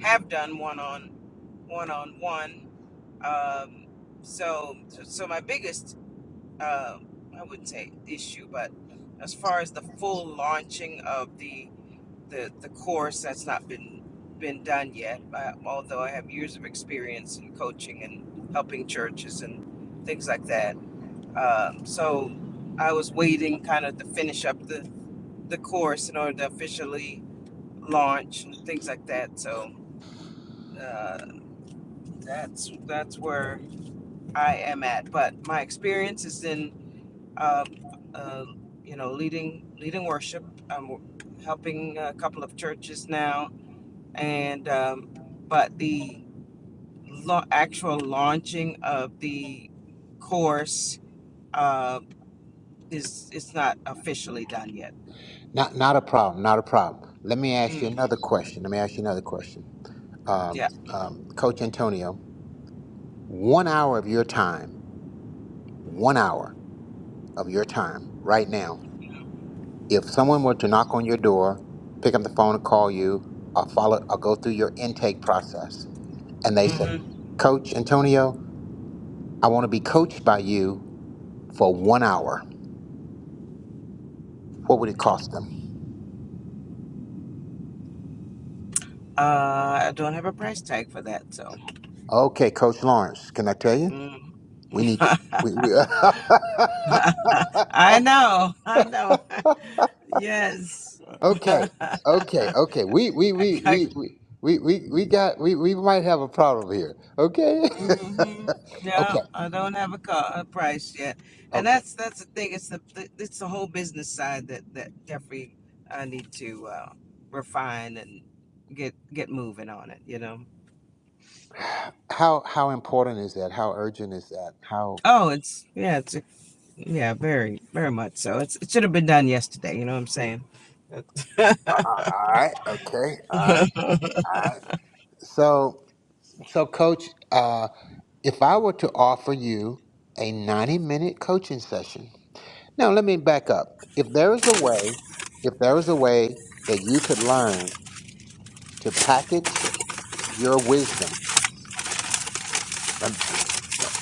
have done one on one on one. Um, so so so my biggest uh, I wouldn't say issue, but as far as the full launching of the the, the course, that's not been been done yet. I, although I have years of experience in coaching and helping churches and things like that. Um, so I was waiting kind of to finish up the the course in order to officially launch and things like that. So uh, that's that's where I am at. But my experience is in uh, uh, you know leading leading worship. I'm helping a couple of churches now, and um, but the la- actual launching of the course uh, is it's not officially done yet.
Not not a problem. Not a problem. Let me ask
hmm
you another question. Let me ask you another question. Um,
Yeah.
um, Coach Antonio, one hour of your time, one hour of your time right now. If someone were to knock on your door, pick up the phone and call you, or follow, or go through your intake process, and they said,
hmm
"Coach Antonio, I want to be coached by you for one hour." What would it cost them?
Uh, I don't have a price tag for that, so.
Okay, Coach Lawrence, can I tell you?
Mm.
We need to. We, we,
I know. I know. Yes.
okay,
I,
okay, okay. We we we
I,
we we. We, we, we got we, we might have a problem here. Okay.
hmm Yeah,
okay.
I don't have a car a price yet, and
Okay.
that's that's the thing. It's the it's the whole business side that that Jeffrey I need to uh, refine and get get moving on it. You know.
How how important is that? How urgent is that? How
Oh, it's yeah, it's yeah, very very much so. It's it should have been done yesterday. You know what I'm saying?
Uh, uh, all right, okay. All right. All right. So so coach, uh if I were to offer you a 90 minute coaching session, Now, let me back up. If there is a way, if there is a way that you could learn to package your wisdom, let, let-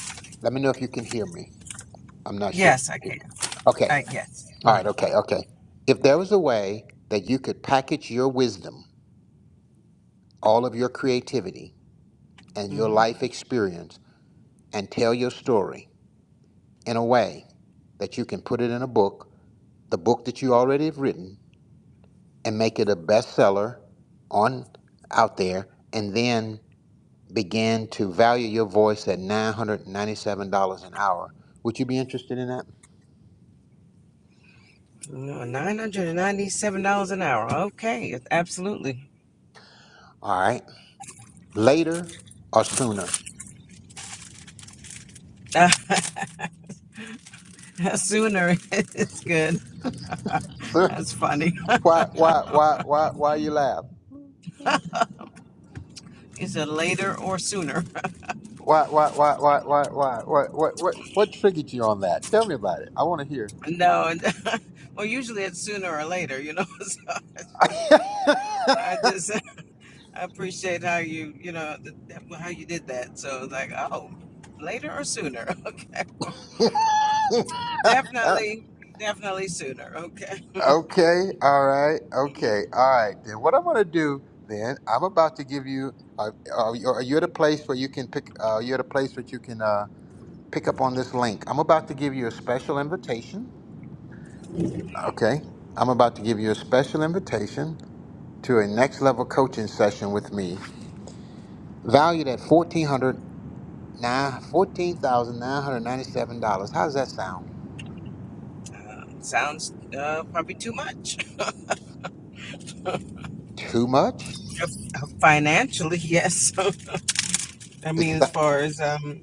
let me know if you can hear me. I'm not sure if you
yes, I
can
can.
hear me. Okay.
I guess.
All
Mm-hmm.
right. Okay. Okay. If there was a way that you could package your wisdom, all of your creativity, and your
Mm-hmm.
life experience and tell your story in a way that you can put it in a book, the book that you already have written, and make it a bestseller on out there and then begin to value your voice at $997 an hour would you be interested in that
No, nine hundred and ninety-seven dollars an hour. Okay, it's absolutely.
all right later or sooner
Uh, sooner it's good.
Sir,
That's funny.
why why why why why you laugh
You said later or sooner.
why why why why why why what what what what triggered you on that tell me about it i want to hear
No, well, usually it's sooner or later. You know, so I just I appreciate how you you know how you did that. So it's like, oh, later or sooner. Okay, definitely, definitely sooner. Okay,
Okay, all right,
Mhm.
okay, all right. Then what I'm gonna do then? I'm about to give you. Uh, uh, you- are you at a place where you can pick? Uh, you're at a place that you can uh, pick up on this link. I'm about to give you a special invitation. Okay, I'm about to give you a special invitation to a next level coaching session with me, valued at fourteen hundred nine fourteen thousand nine hundred ninety seven dollars. How does that sound?
uh, sounds uh, probably too much
Too much?
financially. Yes. I mean,
It's
as far as um,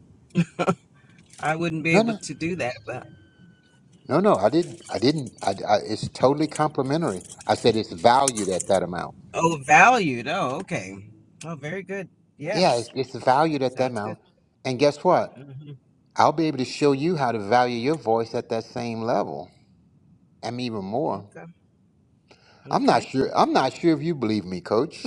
I wouldn't be
no,
able
no.
to do that, but
No, no, I didn't. I didn't. I, I, it's totally complimentary. I said it's valued at that amount.
oh, valued. Oh, okay. Oh, very good.
Yeah,
Yes,
it's, it's valued at that
sounds good.
amount. And guess what?
hmm
I'll be able to show you how to value your voice at that same level and even more.
Okay.
I'm not
Okay.
sure. I'm not sure if you believe me, coach.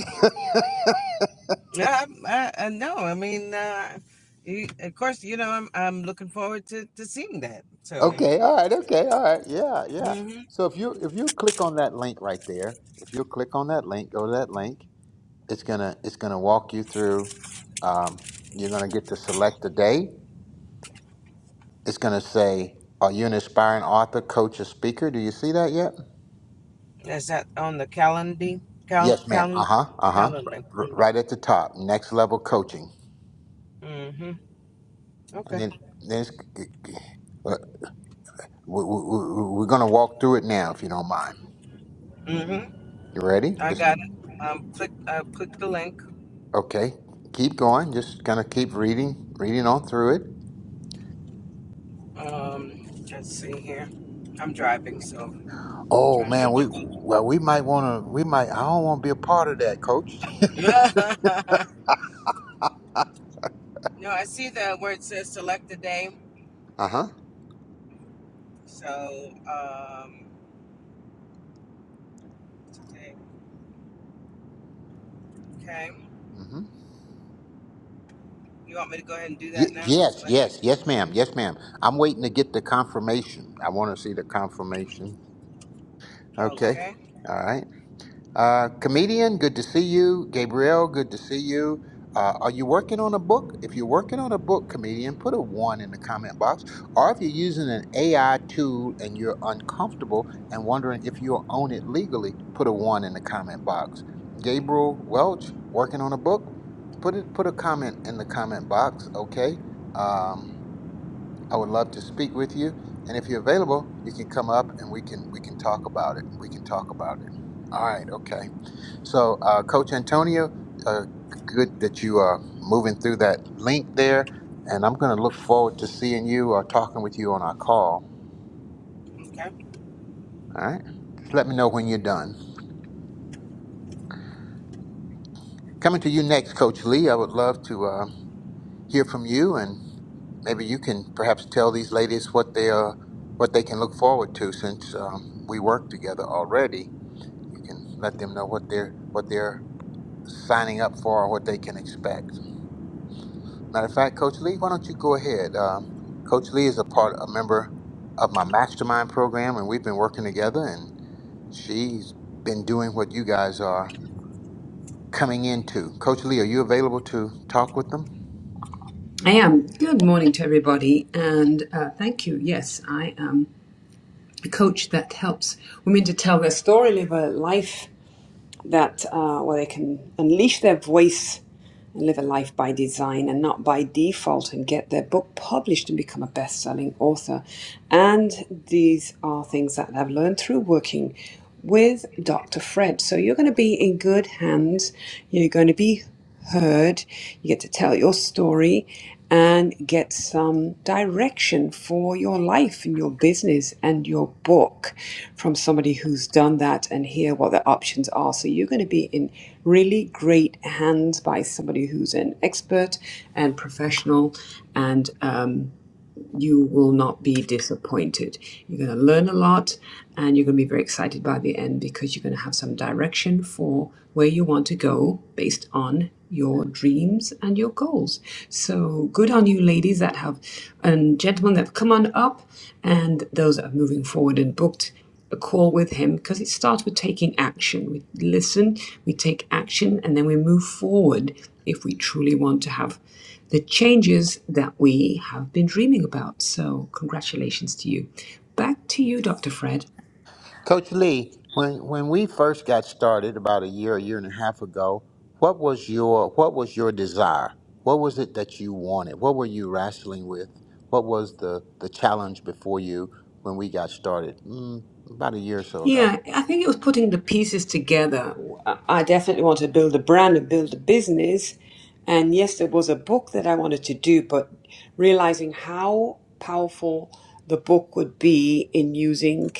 Yeah, I, I, I know. I mean, uh, you, of course, you know, I'm I'm looking forward to to seeing that. So,
okay. All right. Okay. All right. Yeah. Yeah.
hmm
So if you if you click on that link right there, if you click on that link, go to that link. It's gonna it's gonna walk you through. Um, you're gonna get to select the day It's going to say, Are you an aspiring author, coach, or speaker? Do you see that yet?
is that on the calendar? Cal,
Yes, ma'am. Uh
cal,
huh. Uh huh.
calendar.
R-
Mm-hmm.
right at the top, next level coaching.
Mm-hmm.
And
Okay.
then, then it's, we, we, we, we're going to walk through it now, if you don't mind.
Mm-hmm.
You ready?
I
Just
got it. Um, click. I click the link.
okay. Keep going. Just gonna keep reading, reading on through it.
Um, let's see here. I'm driving, so.
Oh
Trying to
man,
do
we
both.
well, we might want to. We might. I don't want to be a part of that, Coach.
no, I see the where it says select a day.
Uh huh.
So, um, today. Okay. You want me to go ahead and do
Y-
that now?
yes,
Select.
yes, yes, ma'am. Yes, ma'am. I'm waiting to get the confirmation. I want to see the confirmation. Okay.
Okay.
All right. Uh, comedian, good to see you. Gabriel, good to see you. Uh, are you working on a book? If you're working on a book, comedian, put a one in the comment box. Or if you're using an AI tool and you're uncomfortable and wondering if you'll own it legally, put a one in the comment box. Gabriel Welch, working on a book, put it put a comment in the comment box. Okay. Um, I would love to speak with you. And if you're available, you can come up and we can we can talk about it. We can talk about it. All right, okay. So, uh, Coach Antonio, uh, good that you are moving through that link there, and I'm going to look forward to seeing you or talking with you on our call.
Okay.
All right, just let me know when you're done. Coming to you next, Coach Lee. I would love to uh, hear from you, and maybe you can perhaps tell these ladies what they are, what they can look forward to since um, we work together already You can let them know what they're what they're signing up for or what they can expect. Matter of fact, Coach Lee, why don't you go ahead? Uh, Coach Lee is a part, a member of my mastermind program, and we've been working together. And she's been doing what you guys are coming into. Coach Lee, are you available to talk with them?
I am. Good morning to everybody, and uh, thank you. Yes, I am a coach that helps women to tell their story, live a life that uh, where they can unleash their voice and live a life by design and not by default, and get their book published and become a best-selling author. And these are things that I've learned through working with Dr. Fred. So you're going to be in good hands. You're going to be heard. You get to tell your story and get some direction for your life and your business and your book from somebody who's done that and hear what the options are. So you're going to be in really great hands by somebody who's an expert and professional and um, you will not be disappointed. You're going to learn a lot and you're going to be very excited by the end because you're going to have some direction for where you want to go based on your dreams and your goals. So good on you ladies that have and gentlemen that have come on up and those that are moving forward and booked a call with him because it starts with taking action. We listen, we take action, and then we move forward if we truly want to have the changes that we have been dreaming about. So, congratulations to you. Back to you, Dr. Fred.
Coach Lee, when when we first got started about a year, a year and a half ago, what was your what was your desire? What was it that you wanted? What were you wrestling with? What was the the challenge before you when we got started? Mm, about a year or so ago.
Yeah, I think it was putting the pieces together. I definitely want to build a brand and build a business. And yes, there was a book that I wanted to do, but realizing how powerful the book would be in using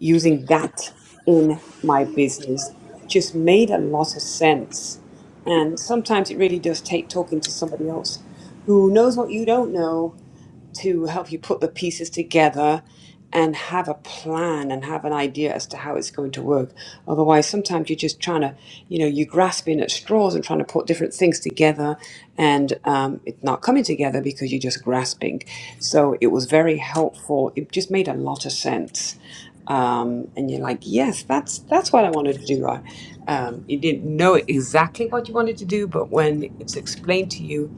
using that in my business just made a lot of sense. And sometimes it really does take talking to somebody else who knows what you don't know to help you put the pieces together and have a plan and have an idea as to how it's going to work. Otherwise, sometimes you're just trying to, you know, you're grasping at straws and trying to put different things together, and um, it's not coming together because you're just grasping. So it was very helpful. It just made a lot of sense um, and you're like, yes, that's that's what I wanted to do. I, um, you didn't know exactly what you wanted to do, but when it's explained to you,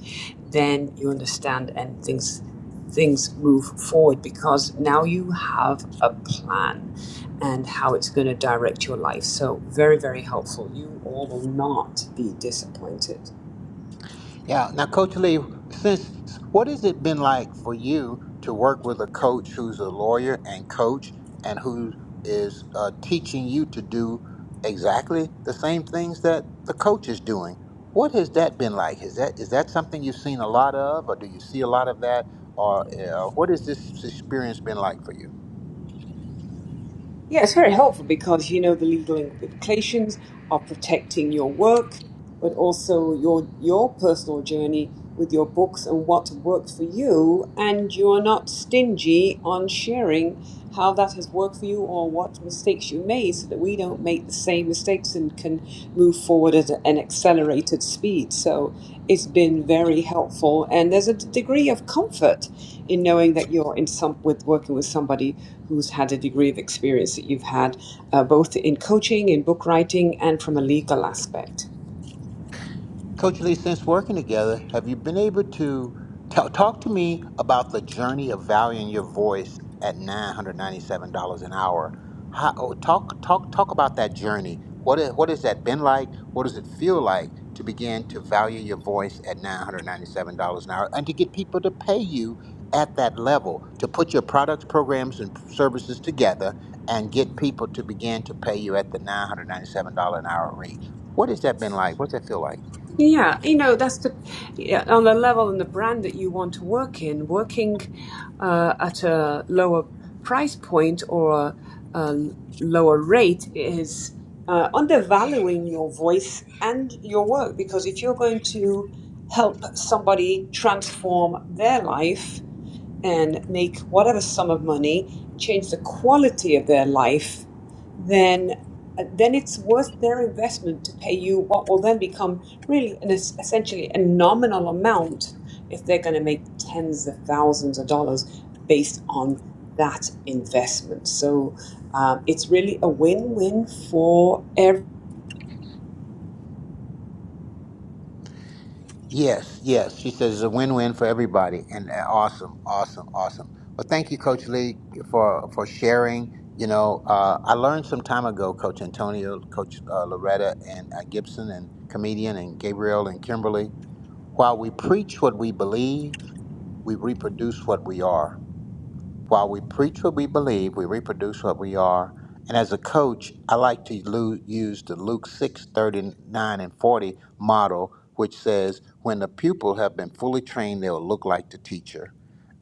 then you understand and things things move forward because now you have a plan and how it's going to direct your life. So very very helpful. You all will not be disappointed.
Yeah. Now, Coach Lee, since what has it been like for you to work with a coach who's a lawyer and coach and who is uh, teaching you to do exactly the same things that the coach is doing? What has that been like? Is that is that something you've seen a lot of, or do you see a lot of that, or uh, what has this experience been like for you?
Yeah, it's very helpful because you know the legal implications of protecting your work, but also your your personal journey with your books and what worked for you, and you are not stingy on sharing how that has worked for you or what mistakes you made, so that we don't make the same mistakes and can move forward at an accelerated speed. So it's been very helpful, and there's a d- degree of comfort in knowing that you're in some with working with somebody who's had a degree of experience that you've had, uh, both in coaching, in book writing, and from a legal aspect.
Coach Lee, since working together, have you been able to ta- talk to me about the journey of valuing your voice at $997 an hour? How, oh, talk, talk, talk about that journey. What, is, what has that been like? What does it feel like to begin to value your voice at $997 an hour and to get people to pay you at that level, to put your products, programs, and services together and get people to begin to pay you at the $997 an hour rate? What has that been like? What's that feel like?
Yeah, you know, that's the yeah, on the level and the brand that you want to work in. Working uh, at a lower price point or a, a lower rate is uh, undervaluing your voice and your work because if you're going to help somebody transform their life and make whatever sum of money and change the quality of their life, then uh, then it's worth their investment to pay you what will then become really an es- essentially a nominal amount if they're going to make tens of thousands of dollars based on that investment. So um, it's really a win-win for
Yes, yes. She says it's a win-win for everybody, and uh, awesome, awesome, awesome. Well, thank you, Coach Lee, for for sharing. You know, uh, I learned some time ago, Coach Antonio, Coach uh, Loretta, and uh, Gibson, and comedian, and Gabriel, and Kimberly. While we preach what we believe, we reproduce what we are. While we preach what we believe, we reproduce what we are. And as a coach, I like to lu- use the Luke 6 39 and 40 model, which says, when the pupil have been fully trained, they'll look like the teacher.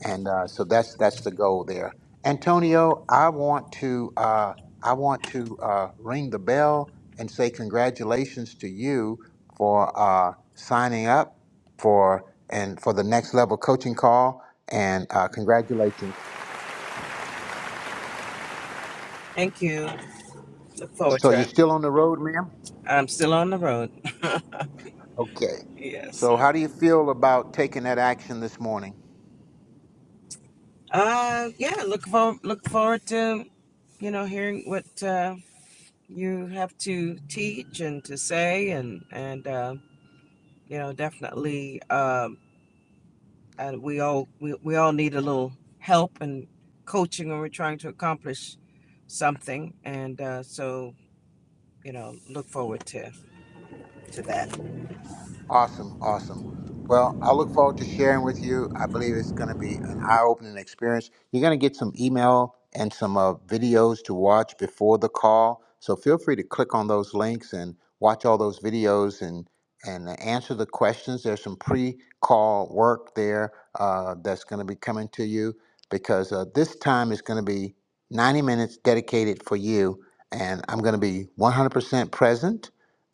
And uh, so that's that's the goal there. Antonio, I want to uh, I want to uh, ring the bell and say congratulations to you for uh, signing up for and for the next level coaching call and uh, congratulations
Thank you. Look forward
So
to
you're
it.
still on the road, ma'am?
I'm still on the road.
Okay.
yes.
So how do you feel about taking that action this morning?
Uh, yeah. Look forward. Look forward to, you know, hearing what uh, you have to teach and to say, and and uh, you know, definitely. um, and we all we, we all need a little help and coaching when we're trying to accomplish something and uh, so you know look forward to to that
Awesome, awesome. Well, I look forward to sharing with you. I believe it's going to be an eye-opening experience. You're going to get some email and some uh, videos to watch before the call, so feel free to click on those links and watch all those videos and and uh, answer the questions. There's some pre-call work there uh, that's going to be coming to you because uh, this time is going to be 90 minutes dedicated for you, and I'm going to be 100% present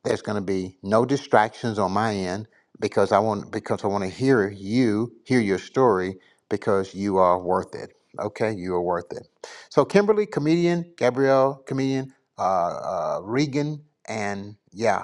there's going to be no distractions on my end because I want because I want to hear you hear your story because you are worth it. Okay, you are worth it. So Kimberly, comedian, Gabrielle, comedian, uh, uh, Regan, and yeah,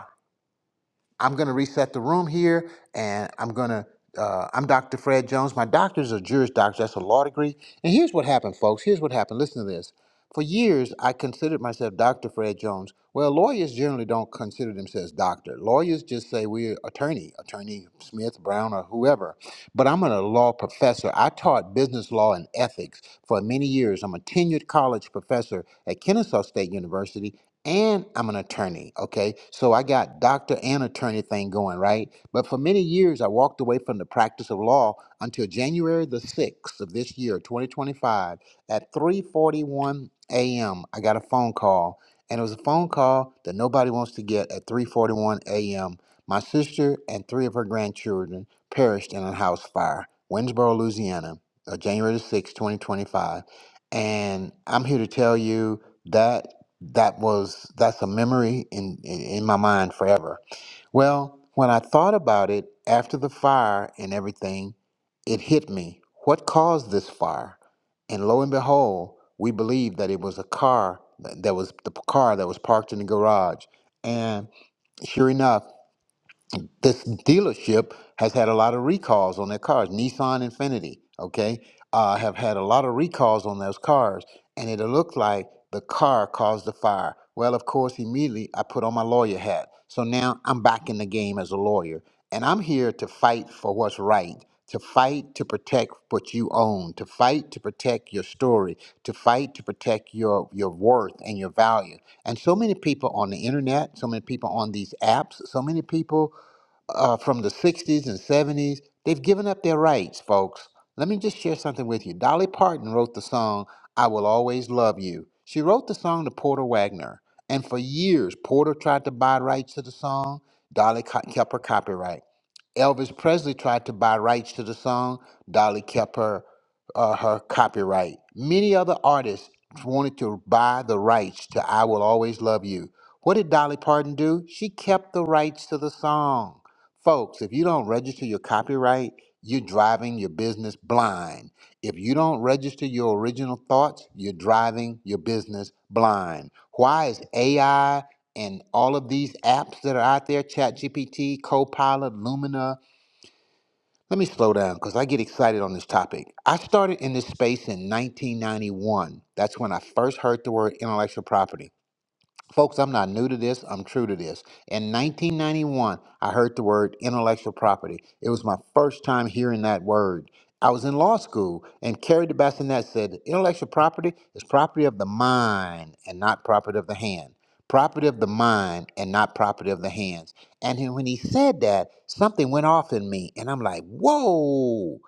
I'm going to reset the room here, and I'm going to. Uh, I'm Dr. Fred Jones. My doctor's a Juris doctor. That's a law degree. And here's what happened, folks. Here's what happened. Listen to this. For years, I considered myself Dr. Fred Jones. Well, lawyers generally don't consider themselves doctor. Lawyers just say we're attorney, attorney Smith, Brown, or whoever. But I'm a law professor. I taught business law and ethics for many years. I'm a tenured college professor at Kennesaw State University, and I'm an attorney. Okay. So I got doctor and attorney thing going, right? But for many years, I walked away from the practice of law until January the 6th of this year, 2025, at 3:41 a.m. I got a phone call, and it was a phone call that nobody wants to get at 3:41 a.m. My sister and three of her grandchildren perished in a house fire, Winsboro, Louisiana, uh, January the 6th, 2025. And I'm here to tell you that that was that's a memory in, in in my mind forever. Well, when I thought about it after the fire and everything, it hit me. What caused this fire? And lo and behold, we believe that it was a car that that was the car that was parked in the garage. And sure enough, this dealership has had a lot of recalls on their cars. Nissan Infiniti, okay, uh, have had a lot of recalls on those cars, and it looked like the car caused the fire. Well, of course, immediately I put on my lawyer hat. So now I'm back in the game as a lawyer, and I'm here to fight for what's right, to fight to protect what you own, to fight to protect your story, to fight to protect your your worth and your value. And so many people on the internet, so many people on these apps, so many people uh, from the 60s and 70s. They've given up their rights, folks. Let me just share something with you. Dolly Parton wrote the song, I Will Always Love You. She wrote the song to Porter Wagner. And for years, Porter tried to buy rights to the song. Dolly co- kept her copyright. Elvis Presley tried to buy rights to the song. Dolly kept her uh, her copyright. Many other artists wanted to buy the rights to "I Will Always Love You." What did Dolly Parton do? She kept the rights to the song. Folks, if you don't register your copyright, you're driving your business blind. If you don't register your original thoughts, you're driving your business blind. Why is AI and all of these apps that are out there ChatGPT, Copilot, Lumina. Let me slow down because I get excited on this topic. I started in this space in 1991. That's when I first heard the word intellectual property. Folks, I'm not new to this, I'm true to this. In 1991, I heard the word intellectual property. It was my first time hearing that word. I was in law school, and Carrie de Bassinet said intellectual property is property of the mind and not property of the hand. Property of the mind and not property of the hands. And he- when he said that, something went off in me, and I'm like, whoa.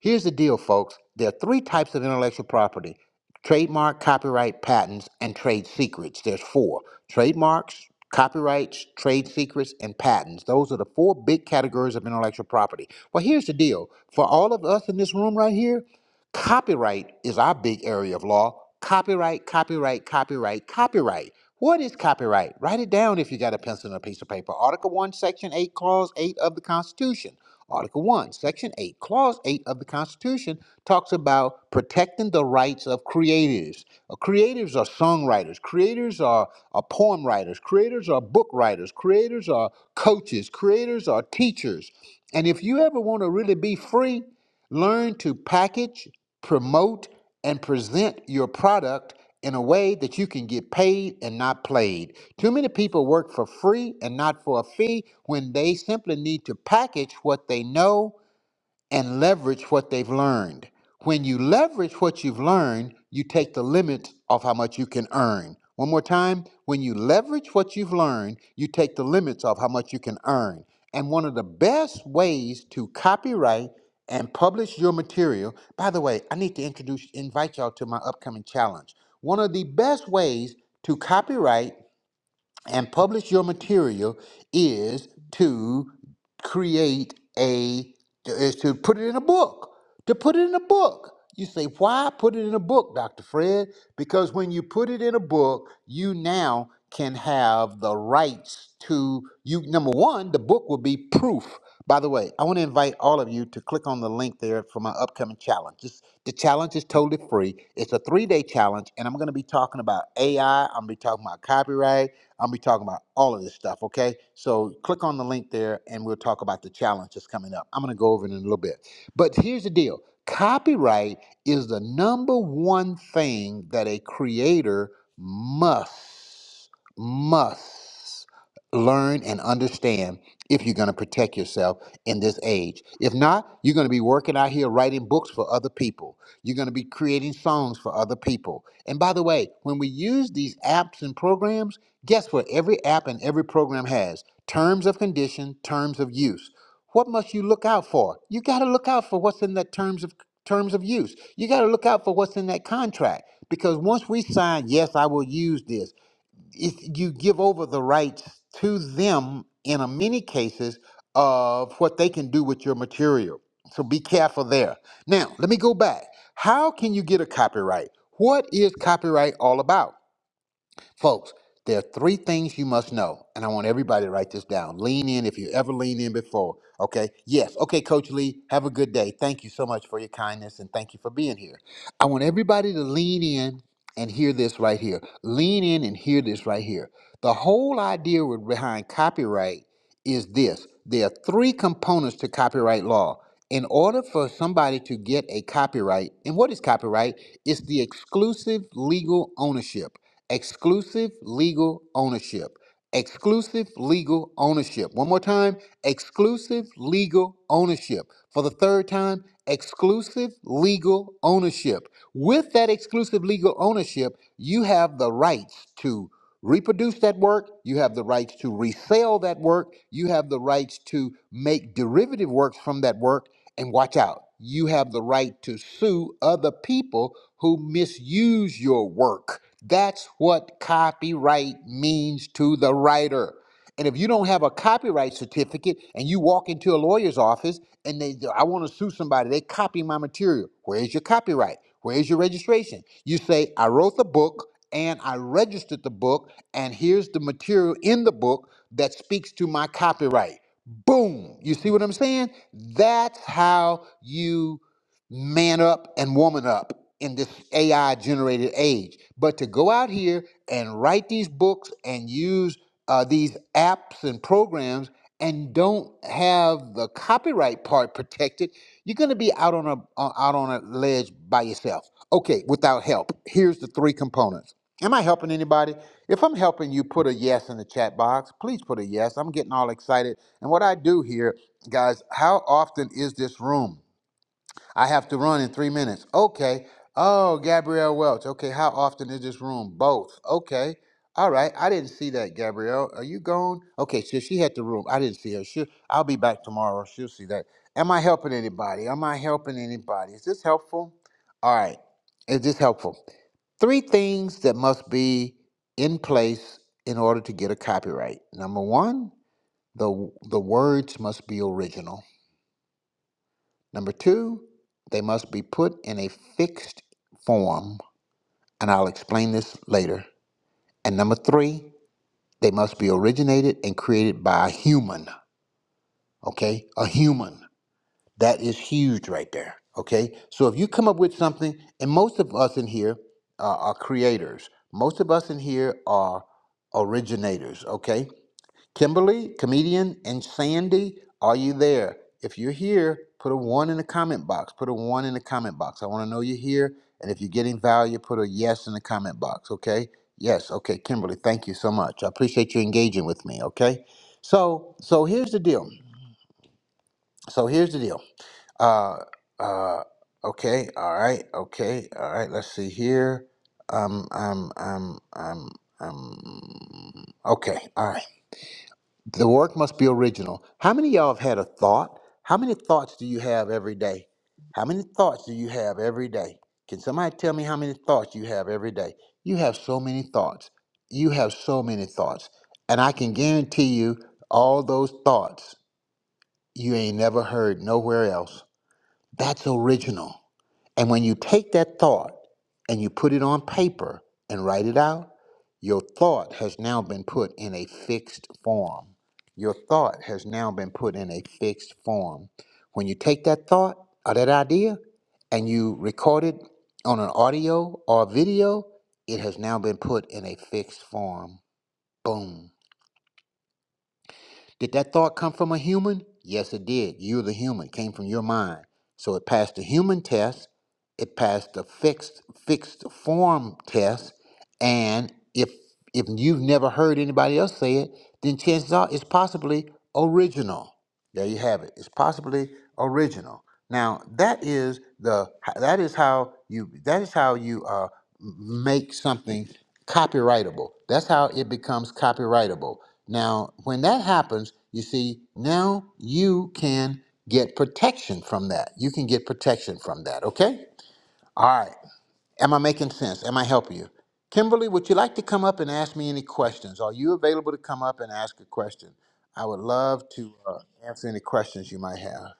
Here's the deal, folks. There are three types of intellectual property trademark, copyright, patents, and trade secrets. There's four trademarks, copyrights, trade secrets, and patents. Those are the four big categories of intellectual property. Well, here's the deal for all of us in this room right here, copyright is our big area of law. Copyright, copyright, copyright, copyright. What is copyright? Write it down if you got a pencil and a piece of paper. Article 1, Section 8, Clause 8 of the Constitution. Article 1, Section 8, Clause 8 of the Constitution talks about protecting the rights of creatives. Uh, creatives are songwriters, creators are, are poem writers, creators are book writers, creators are coaches, creators are teachers. And if you ever want to really be free, learn to package, promote, and present your product in a way that you can get paid and not played. Too many people work for free and not for a fee when they simply need to package what they know and leverage what they've learned. When you leverage what you've learned, you take the limit off how much you can earn. One more time, when you leverage what you've learned, you take the limits off how much you can earn. And one of the best ways to copyright and publish your material, by the way, I need to introduce invite y'all to my upcoming challenge. One of the best ways to copyright and publish your material is to create a is to put it in a book to put it in a book you say why put it in a book dr fred because when you put it in a book you now can have the rights to you number one the book will be proof by the way i want to invite all of you to click on the link there for my upcoming challenge This- the challenge is totally free it's a three-day challenge and i'm going to be talking about ai i'm going to be talking about copyright I'll be talking about all of this stuff, okay? So click on the link there and we'll talk about the challenge that's coming up. I'm going to go over it in a little bit. But here's the deal copyright is the number one thing that a creator must, must learn and understand if you're going to protect yourself in this age. If not, you're going to be working out here writing books for other people. You're going to be creating songs for other people. And by the way, when we use these apps and programs, Guess what? Every app and every program has terms of condition, terms of use. What must you look out for? You got to look out for what's in that terms of terms of use. You got to look out for what's in that contract because once we sign, yes, I will use this. If you give over the rights to them in a many cases of what they can do with your material. So be careful there. Now, let me go back. How can you get a copyright? What is copyright all about? Folks, there are three things you must know, and I want everybody to write this down. Lean in if you ever lean in before, okay? Yes. Okay, Coach Lee, have a good day. Thank you so much for your kindness and thank you for being here. I want everybody to lean in and hear this right here. Lean in and hear this right here. The whole idea with- behind copyright is this there are three components to copyright law. In order for somebody to get a copyright, and what is copyright? It's the exclusive legal ownership. Exclusive legal ownership. Exclusive legal ownership. One more time. Exclusive legal ownership. For the third time, exclusive legal ownership. With that exclusive legal ownership, you have the rights to reproduce that work, you have the rights to resell that work, you have the rights to make derivative works from that work, and watch out, you have the right to sue other people who misuse your work. That's what copyright means to the writer. And if you don't have a copyright certificate and you walk into a lawyer's office and they, I want to sue somebody, they copy my material. Where's your copyright? Where's your registration? You say, I wrote the book and I registered the book, and here's the material in the book that speaks to my copyright. Boom. You see what I'm saying? That's how you man up and woman up in this AI generated age. But to go out here and write these books and use uh, these apps and programs and don't have the copyright part protected, you're going to be out on a on- out on a ledge by yourself. Okay, without help. Here's the three components. Am I helping anybody? If I'm helping you, put a yes in the chat box. Please put a yes. I'm getting all excited and what I do here, guys, how often is this room? I have to run in three minutes. Okay. Oh, Gabrielle Welch. Okay. How often is this room? Both. Okay. All right. I didn't see that, Gabrielle. Are you gone? Okay. So she had the room. I didn't see her. She, I'll be back tomorrow. She'll see that. Am I helping anybody? Am I helping anybody? Is this helpful? All right. Is this helpful? Three things that must be in place in order to get a copyright. Number one, the, the words must be original. Number two, they must be put in a fixed form, and I'll explain this later. And number three, they must be originated and created by a human, okay? A human. That is huge right there, okay? So if you come up with something, and most of us in here uh, are creators, most of us in here are originators, okay? Kimberly, comedian, and Sandy, are you there? If you're here, put a one in the comment box. Put a one in the comment box. I want to know you're here. And if you're getting value, put a yes in the comment box, okay? Yes, okay, Kimberly, thank you so much. I appreciate you engaging with me, okay? So, so here's the deal. So here's the deal. Uh, uh, okay, all right, okay, all right. Let's see here. Um, um, um, um, um. Okay, all right. The work must be original. How many of y'all have had a thought? How many thoughts do you have every day? How many thoughts do you have every day? Can somebody tell me how many thoughts you have every day? You have so many thoughts. You have so many thoughts. And I can guarantee you, all those thoughts you ain't never heard nowhere else. That's original. And when you take that thought and you put it on paper and write it out, your thought has now been put in a fixed form. Your thought has now been put in a fixed form. When you take that thought or that idea and you record it on an audio or a video, it has now been put in a fixed form. Boom. Did that thought come from a human? Yes, it did. You're the human, it came from your mind. So it passed the human test, it passed the fixed fixed form test, and if if you've never heard anybody else say it, then chances are it's possibly original. There you have it. It's possibly original. Now that is the that is how you that is how you uh, make something copyrightable. That's how it becomes copyrightable. Now, when that happens, you see, now you can get protection from that. You can get protection from that, okay? All right. Am I making sense? Am I helping you? Kimberly, would you like to come up and ask me any questions? Are you available to come up and ask a question? I would love to uh, answer any questions you might have.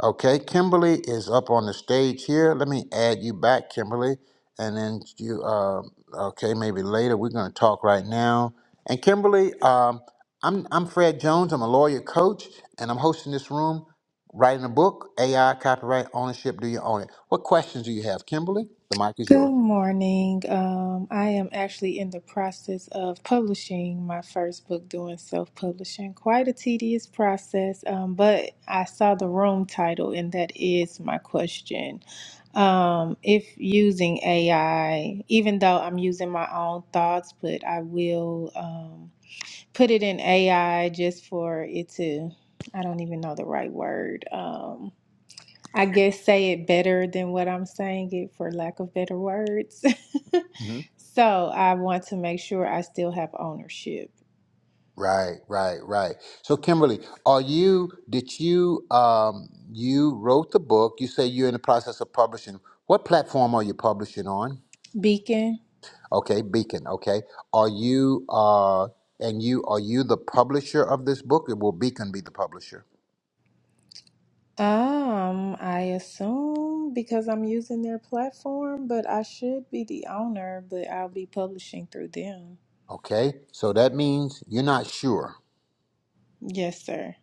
Okay, Kimberly is up on the stage here. Let me add you back, Kimberly, and then you. Uh, okay, maybe later. We're going to talk right now. And Kimberly, um, I'm I'm Fred Jones. I'm a lawyer coach, and I'm hosting this room, writing a book, AI, copyright, ownership. Do you own it? What questions do you have, Kimberly? The mic is yours.
Good morning. Um, I am actually in the process of publishing my first book, doing self publishing. Quite a tedious process, um, but I saw the room title, and that is my question. Um, if using AI, even though I'm using my own thoughts, but I will um, put it in AI just for it to, I don't even know the right word. Um, I guess say it better than what I'm saying it for lack of better words.
Mm-hmm.
so I want to make sure I still have ownership.
Right, right, right. So, Kimberly, are you? Did you? Um, you wrote the book. You say you're in the process of publishing. What platform are you publishing on?
Beacon.
Okay, Beacon. Okay, are you? Uh, and you are you the publisher of this book? Or will Beacon be the publisher?
Um, I assume because I'm using their platform, but I should be the owner, but I'll be publishing through them.
Okay, so that means you're not sure.
Yes, sir.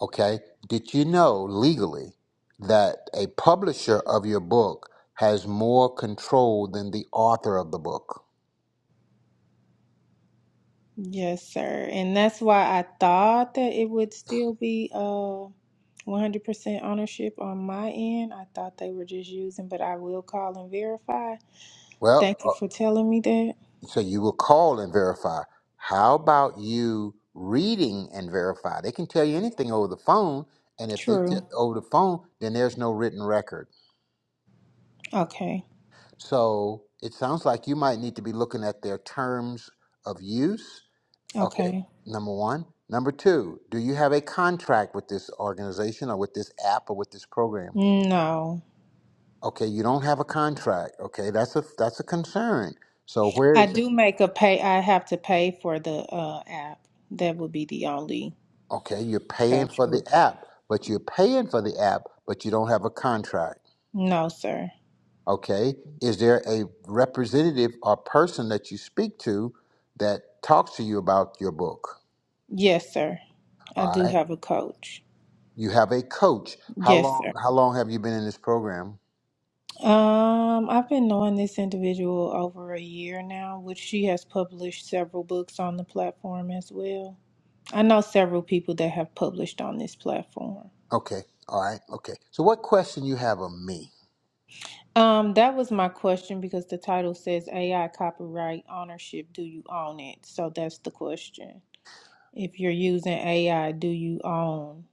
Okay, did you know legally that a publisher of your book has more control than the author of the book?
Yes, sir. And that's why I thought that it would still be uh 100% ownership on my end. I thought they were just using, but I will call and verify.
Well,
Thank you
uh,
for telling me that.
So you will call and verify. How about you reading and verify? They can tell you anything over the phone, and if they
True.
tell over the phone, then there's no written record.
Okay.
So it sounds like you might need to be looking at their terms of use. Okay,
Okay.
number one. Number two, do you have a contract with this organization or with this app or with this program?
No.
Okay, you don't have a contract. Okay, that's a that's a concern. So where
I
is
do make a pay. I have to pay for the uh app. That would be the only
Okay, you're paying for the
contractual.
app, but you're paying for the app, but you don't have a contract.
No, sir.
Okay, is there a representative or person that you speak to that talks to you about your book?
Yes, sir. I
All
do
right,
have a coach.
you have a coach. How
Yes,
long?
sir.
How long have you been in this program?
Um, I've been knowing this individual over a year now, which she has published several books on the platform as well. I know several people that have published on this platform.
Okay, all right, okay. So, what question you have of me?
Um, that was my question because the title says AI copyright ownership. Do you own it? So that's the question. If you're using AI, do you own?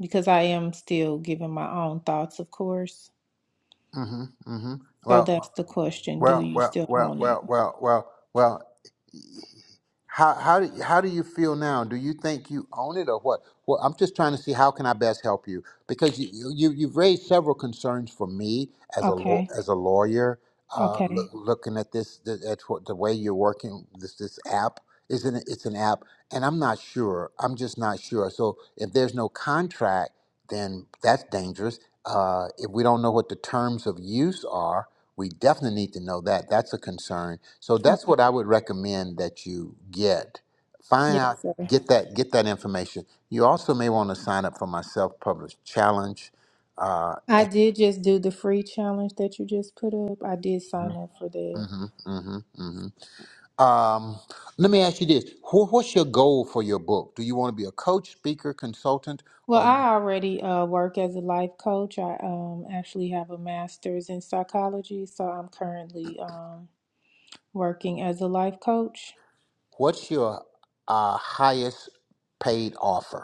Because I am still giving my own thoughts, of course.
Mm-hmm. Mm-hmm.
So
Well,
that's the question. Do
Well,
you
well,
still
well,
own it?
well, well, well, well. How how do how do you feel now? Do you think you own it or what? Well, I'm just trying to see how can I best help you because you you you've raised several concerns for me as a law
Okay.
as a lawyer. Uh, loo-
Okay.
looking at this, the, at what the way you're working this this app isn't it, it's an app, and I'm not sure. I'm just not sure. So if there's no contract then that's dangerous. Uh, if we don't know what the terms of use are, we definitely need to know that. That's a concern. So
Okay.
that's what I would recommend that you get. Find
Yes,
out,
sir.
get that, get that information. You also may want to sign up for my self-published challenge. Uh,
I did just do the free challenge that you just put up. I did
hmm
sign up for that.
hmm hmm Um, let me ask you this: Wh- What's your goal for your book? Do you want to be a coach, speaker, consultant,
Well,
or you,
I already uh, work as a life coach. I um, actually have a master's in psychology, so I'm currently um, working as a life coach.
what's your uh, highest paid offer?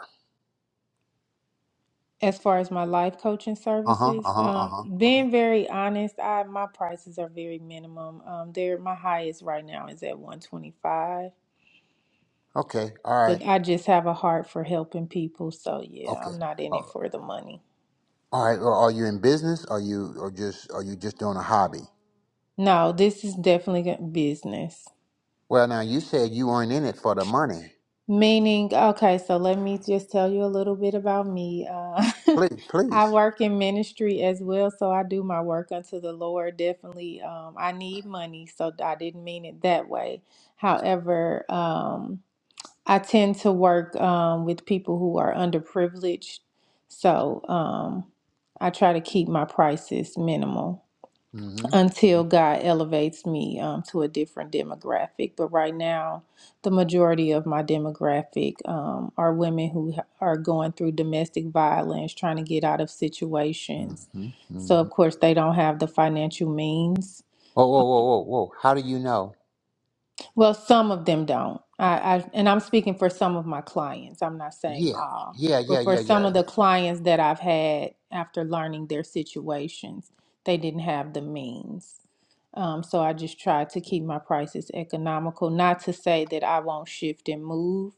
As far as my life coaching
Uh huh.
services,
Uh huh. Uh
um,
huh.
being very honest, I my prices are very minimum. Um, they're my highest right now is at 125,
Okay. All right.
but I just have a heart for helping people, so yeah,
Okay.
I'm not in
Uh,
it for the money.
all right. Well, are you in business? Are you or just are you just doing a hobby?
No, this is definitely a business.
Well, now you said you weren't in it for the money.
Meaning, okay, so let me just tell you a little bit about me. Uh,
Please,
I
please.
work in ministry as well, so I do my work unto the Lord. Definitely, um, I need money, so I didn't mean it that way. However, um, I tend to work um, with people who are underprivileged, so um, I try to keep my prices minimal
Mm-hmm.
until God elevates me um, to a different demographic. But right now, the majority of my demographic um, are women who ha- are going through domestic violence, trying to get out of situations.
Mm-hmm.
So,
Mm-hmm.
of course, they don't have the financial means
Whoa, whoa, whoa, whoa, whoa. How do you know?
Well, some of them don't. I, I and I'm speaking for some of my clients. I'm not saying
Yeah.
all,
Yeah. Yeah.
but for
Yeah. Yeah.
some of the
Yeah.
clients that I've had after learning their situations, they didn't have the means. Um, so I just try to keep my prices economical. Not to say that I won't shift and move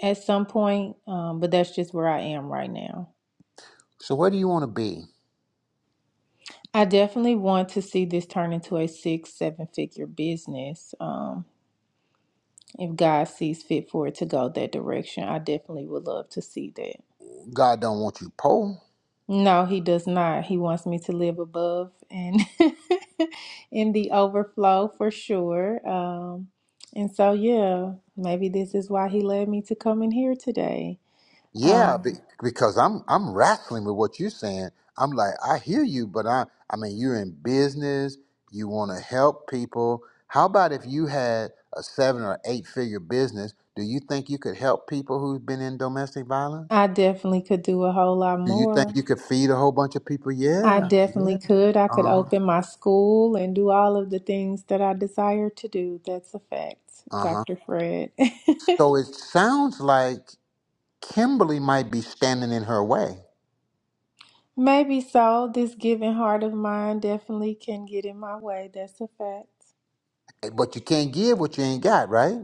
at some point, um, but that's just where I am right now.
So where do you want to be?
I definitely want to see this turn into a six, seven figure business. Um, If God sees fit for it to go that direction, I definitely would love to see that.
God don't want you poor.
No, he does not. He wants me to live above and in the overflow for sure. Um, and so, yeah, maybe this is why he led me to come in here today.
Yeah, be,
Um,
because I'm I'm wrestling with what you're saying. I'm like, I hear you, but I I mean, you're in business. You want to help people. How about if you had a seven or eight figure business? Do you think you could help people who've been in domestic violence?
I definitely could do a whole lot
Do you think
more.
you could feed a whole bunch of people?
I
Yeah, yeah.
definitely could. I
Uh
could
huh.
open my school and do all of the things that I desire to do. That's a fact,
Uh huh.
Dr. Fred.
So it sounds like Kimberly might be standing in her way,
Maybe so. This giving heart of mine definitely can get in my way. That's a fact.
but you can't give what you ain't got, right?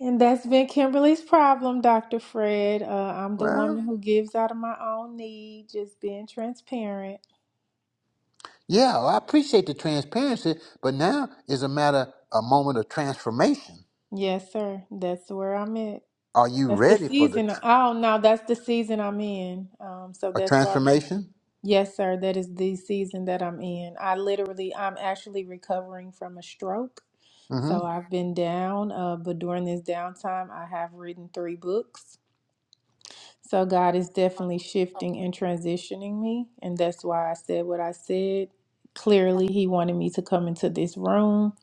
And that's been Kimberly's problem, Dr. Fred. Uh, I'm the
Well,
woman who gives out of my own need, just being transparent.
Yeah, well, I appreciate the transparency, but now is a matter, a moment of transformation.
Yes, sir. That's where I'm at.
Are you
That's the
ready for the
season.
tr-
Oh, no, that's the season I'm in. Um, so
a
that's why.
transformation?
Yes, sir. That is the season that I'm in. I literally, I'm actually recovering from a stroke.
hmm
So I've been down, uh, but during this downtime, I have written three books. So God is definitely shifting and transitioning me. And that's why I said what I said. Clearly, He wanted me to come into this room.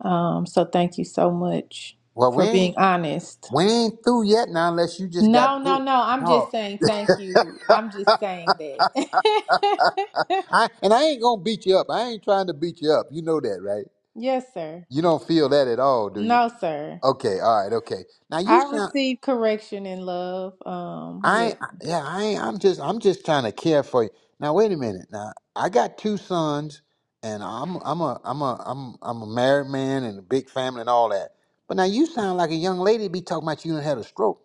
Um, so thank you so much
Well, we
for
ain't
being honest.
we ain't through yet now, unless you just got to
No,
do
no,
it.
no. I'm just
No,
saying thank you. I'm just saying that.
I, and I ain't gonna beat you up. I ain't trying to beat you up. You know that, right?
yes, sir.
You don't feel that at all, do you?
No, sir.
Okay, all right, okay. Now you
I
sound
receive correction in love. Um,
I
yeah.
yeah, I I'm just I'm just trying to care for you. Now wait a minute. Now I got two sons and I'm I'm a I'm a I'm I'm a married man and a big family and all that. But now you sound like a young lady to be talking about you and had a stroke.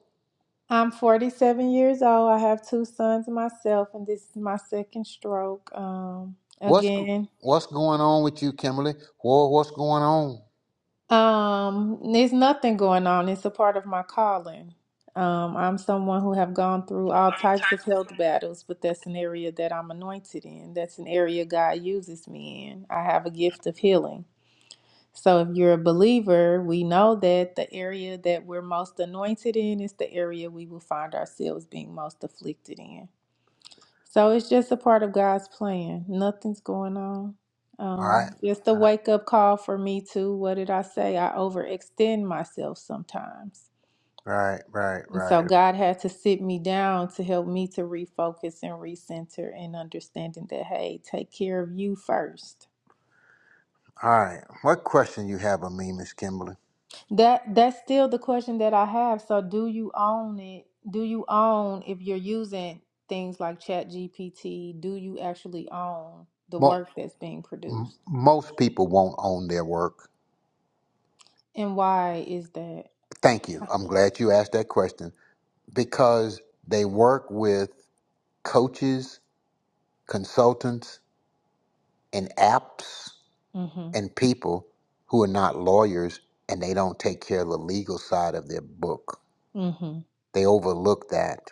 I'm 47 years old. I have two sons myself, and this is my second stroke. Um,
What's go-
again,
what's going on with you, Kimberly? Well, what's going on?
um, there's nothing going on. It's a part of my calling. Um, I'm someone who have gone through all types of health battles, but that's an area that I'm anointed in. That's an area God uses me in. I have a gift of healing. So if you're a believer, we know that the area that we're most anointed in is the area we will find ourselves being most afflicted in. So it's just a part of God's plan. Nothing's going on.
All right,
Um, just a wake up call for me too. What did I say? I overextend myself sometimes.
right, right,
And so
right.
God had to sit me down to help me to refocus and recenter and understanding that, hey, take care of you first
All right. What question you have of me, Miss Kimberly?
That that's still the question that I have. So do you own it? Do you own if you're using things like ChatGPT, do you actually own the
Mo-
work that's being
m-
produced?
most people won't own their work.
And why is that?
Thank you. I'm glad you asked that question. because they work with coaches, consultants, and apps
Mhm.
and people who are not lawyers and they don't take care of the legal side of their book.
Mhm.
They overlook that.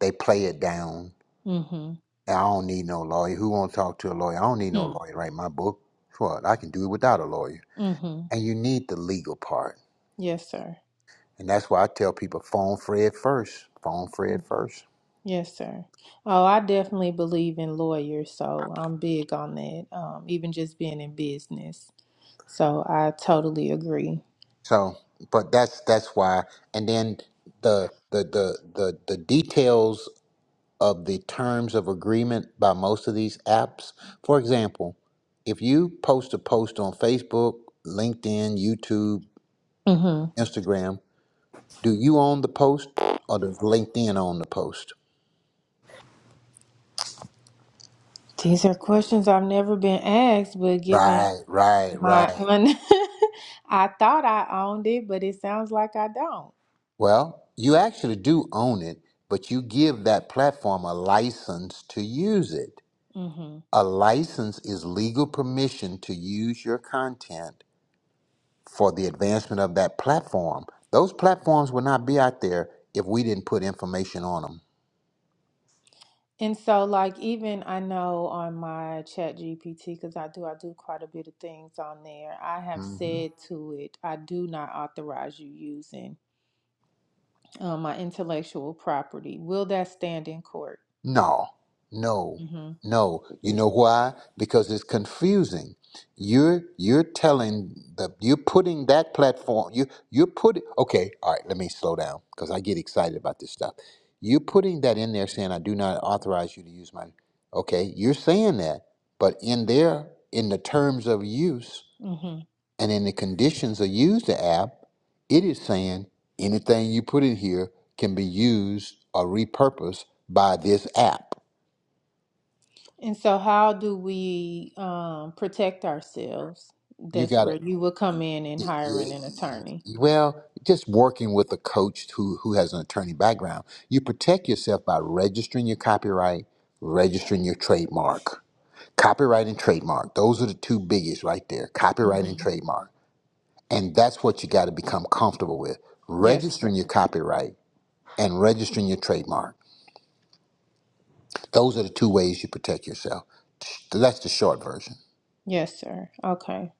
They play it down.
Mhm.
I don't need no lawyer. Who won't talk to a lawyer? I don't need no
Hmm.
lawyer to write my book. What? I can do it without a lawyer.
Mhm.
And you need the legal part.
Yes, sir.
And that's why I tell people phone Fred first. Phone Fred
Mm,
first
Yes, sir. Oh, I definitely believe in lawyers, so I'm big on that. Um, even just being in business. So I totally agree.
So, but that's that's why. And then the the the the, the details of the terms of agreement by most of these apps. For example, if you post a post on Facebook, LinkedIn, YouTube,
Mm-hmm.
Instagram, do you own the post or does LinkedIn own the post?
These are questions I've never been asked, but given
Right, right,
my
right.
un, I thought I owned it, but it sounds like I don't.
Well, you actually do own it, but you give that platform a license to use it.
hmm
A license is legal permission to use your content for the advancement of that platform. Those platforms would not be out there if we didn't put information on
And so, like, even I know on my Chat GPT, because I do, I do quite a bit of things on there. I have
them.
said to it, I do not authorize you using uh, my intellectual property. Will that stand in court?
No, no,
Mm-hmm.
no. You know why? Because it's confusing. You're you're telling the you're putting that platform. You you're putting. Okay, all right. Let me slow down because I get excited about this stuff. You're putting that in there, saying I do not authorize you to use my. Okay, you're saying that, but in there, in the terms of use
Mm-hmm.
and in the conditions of use the app, it is saying anything you put in here can be used or repurposed by this app
And so, how do we um, protect ourselves?
you
That's
gotta
where you will come in and hiring an attorney.
well just working with a coach who who has an attorney background you protect yourself by registering your copyright registering your trademark copyright and trademark those are the two biggest right there copyright and
hmm
trademark and that's what you got to become comfortable with
Yes, sir.
registering your copyright and registering your trademark those are the two ways you protect yourself that's the short version
Yes, sir. Okay.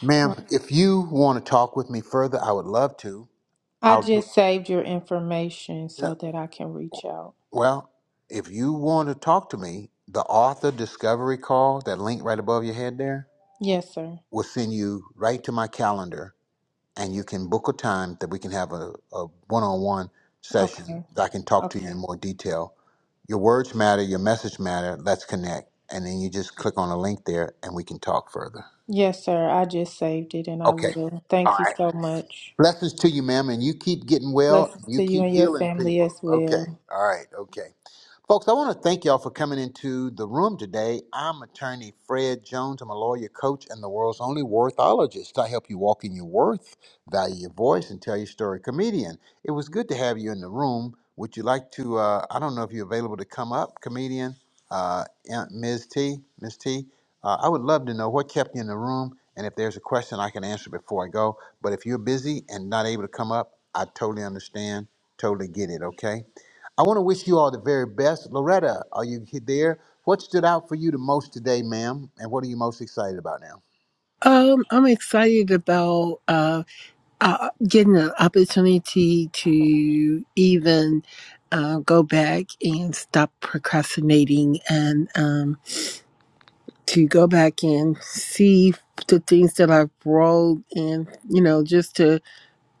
ma'am
Well,
if you want to talk with me further i would love to
I
i'll
just saved your information so that I can reach out.
Well, if you want to talk to me, the author discovery call, that link right above your head there,
Yes, sir.
will send you right to my calendar and you can book a time that we can have a, a one-on-one session
Okay.
that I can talk to you in
Okay.
more detail. Your words matter, your message matter, let's connect. And then you just click on the link there and we can talk further.
Yes, sir. I just saved it and I
Okay.
will.
All
Thank you
right.
so much.
Blessings to you, ma'am, and you keep getting well,
Blessings
you
to you
keep
and your
healing
family
people.
as
Okay.
well.
All right. Okay. Folks, I want to thank y'all for coming into the room today. I'm attorney Fred Jones. I'm a lawyer, coach, and the world's only worthologist. I help you walk in your worth, value your voice, and tell your story. Comedian, it was good to have you in the room. Would you like to? Uh, I don't know if you're available to come up, comedian, uh, Aunt Ms. T, Ms. T. Uh, I would love to know what kept you in the room, and if there's a question I can answer before I go. But if you're busy and not able to come up, I totally understand. Totally get it. Okay. I want to wish you all the very best. Loretta, are you he- there? What stood out for you the most today, ma'am? And what are you most excited about now?
Um, I'm excited about uh, uh getting an opportunity to even uh, go back and stop procrastinating and um to go back and see the things that I've wrote and you know just to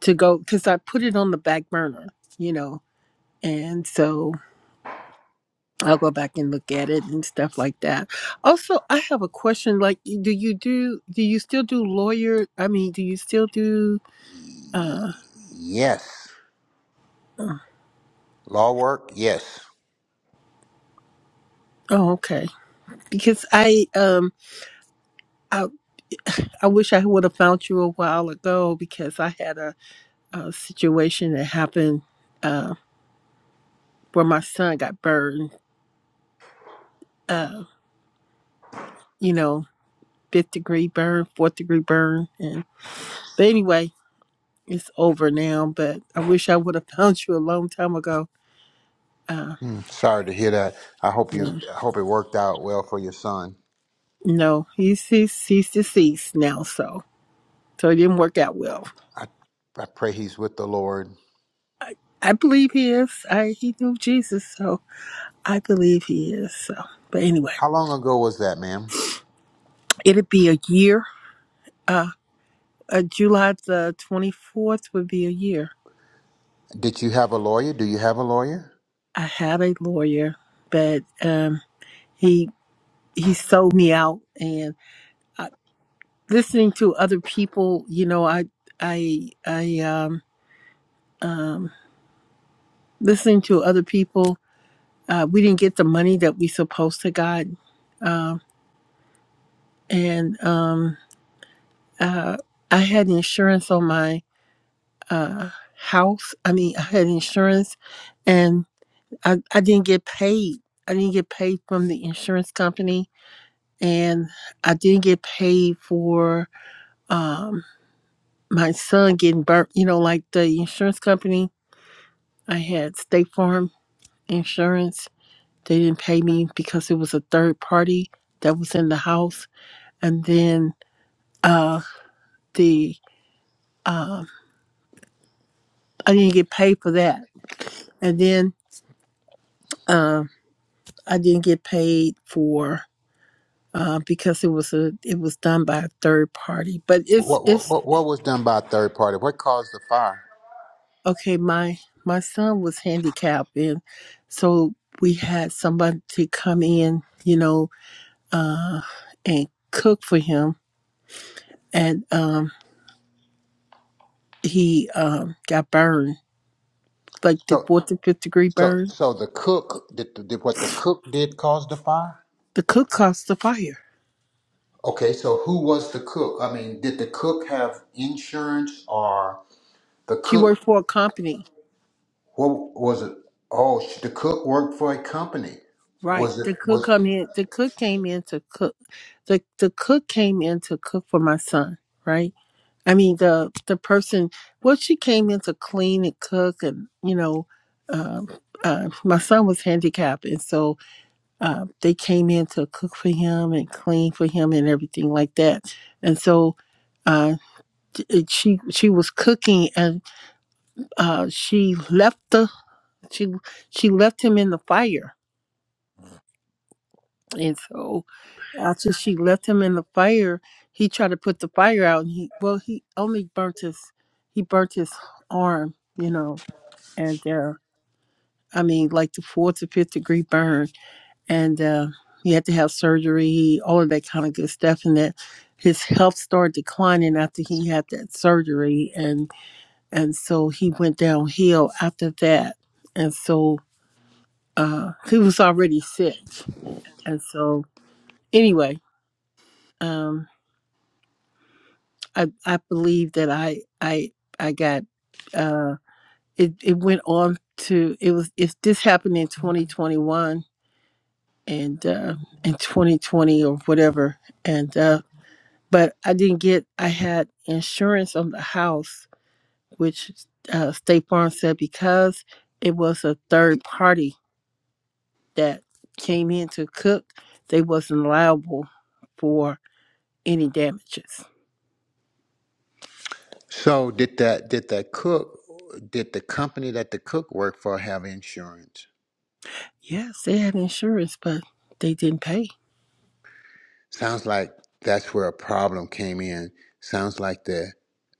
to go because I put it on the back burner, you know, and so. I'll go back and look at it and stuff like that. Also, I have a question. Like, do you do? Do you still do lawyer? I mean, do you still do?
Y-
Uh,
Yes.
uh,
Law work? Yes.
oh, okay. Because I um, I I wish I would have found you a while ago because I had a, a situation that happened uh, where my son got burned. Uh, you know, fifth degree burn, fourth degree burn, and but anyway, it's over now. But I wish I would have found you a long time ago. Uh,
Hmm. Sorry to hear that. I hope
yeah.
you I hope it worked out well for your son.
No, he's he's, he's deceased now, so so it didn't work out well.
I I pray he's with the Lord.
I believe he is. I he knew Jesus, so I believe he is. So, but anyway,
How long ago was that, ma'am?
it'd be a year. Uh, uh July the twenty fourth would be a year.
Did you have a lawyer? Do you have a lawyer?
I had a lawyer, but um, he he sold me out, and uh, listening to other people, you know, I I I um um listening to other people uh, we didn't get the money that we supposed to got um, and um, uh, i had insurance on my uh, house i mean i had insurance and I, I didn't get paid i didn't get paid from the insurance company and i didn't get paid for um, my son getting burnt you know like the insurance company i had state farm insurance they didn't pay me because it was a third party that was in the house and then uh the uh, I didn't get paid for that, and then um I didn't get paid for uh, because it was a it was done by a third party. But it's
What what
it's
what what was done by a third party? What caused the fire?
okay. My my son was handicapped, and so we had somebody to come in, you know, uh, and cook for him, and um he um got burned like the
So
fourth and fifth degree
so
burn.
so the cook did, did what the cook did cause the fire?
The cook caused the fire.
Okay, so who was the cook? I mean, did the cook have insurance or the
She worked
cook,
for a company
what was it? Oh, sh- the cook worked for a company.
Right.
Was it,
The cook
was,
come in. The cook came in to cook. The the cook came in to cook for my son. Right. I mean the the person. Well, she came in to clean and cook, and you know, um uh, my son was handicapped, and so uh, they came in to cook for him and clean for him and everything like that. And so uh, it- she she was cooking, and uh, she left the she she left him in the fire, and so after she left him in the fire, he tried to put the fire out, and he well, he only burnt his he burnt his arm, you know, and uh, I mean, like the fourth to fifth degree burn, and uh, he had to have surgery, all of that kind of good stuff, and that his health started declining after he had that surgery, and and so he went downhill after that, and so uh, he was already sick, and so anyway. Um, I I believe that I I I got uh it it went on to it was if this happened in 2021 and uh in 2020 or whatever and uh but I didn't get I had insurance on the house which uh State Farm said because it was a third party that came in to cook they wasn't liable for any damages.
so did that, did that cook, did the company that the cook worked for have insurance?
Yes, they had insurance but they didn't pay
Sounds like that's where a problem came in. Sounds like the,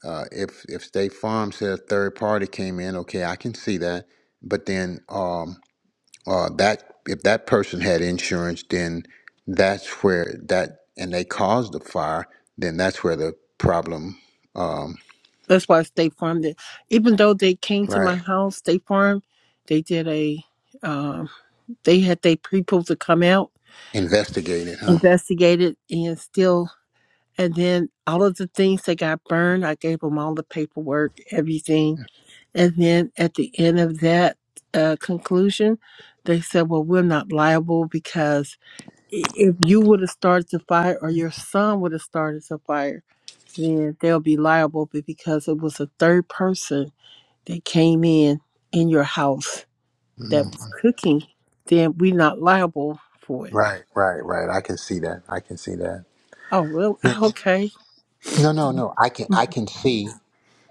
uh, if, if State Farm said a third party came in, okay, I can see that. But then, um, uh, that if that person had insurance, then that's where that and they caused the fire, then that's where the problem. Um,
That's why State Farm did. Even though they came to my
right.
house, State Farm, they did a. Um, they had their people to come out,
Investigated, huh?
investigated, and still. And then all of the things that got burned, I gave them all the paperwork, everything. And then at the end of that uh, conclusion, they said, "Well, we're not liable because i- if you would have started the fire, or your son would have started the fire, then they'll be liable. But because it was a third person." They came in in your house that
Mm.
was cooking, then we are not liable for it.
Right, right, right. I can see that. I can see that.
Oh, really?
Man,
Ah, Okay.
No, no, no. I can I can see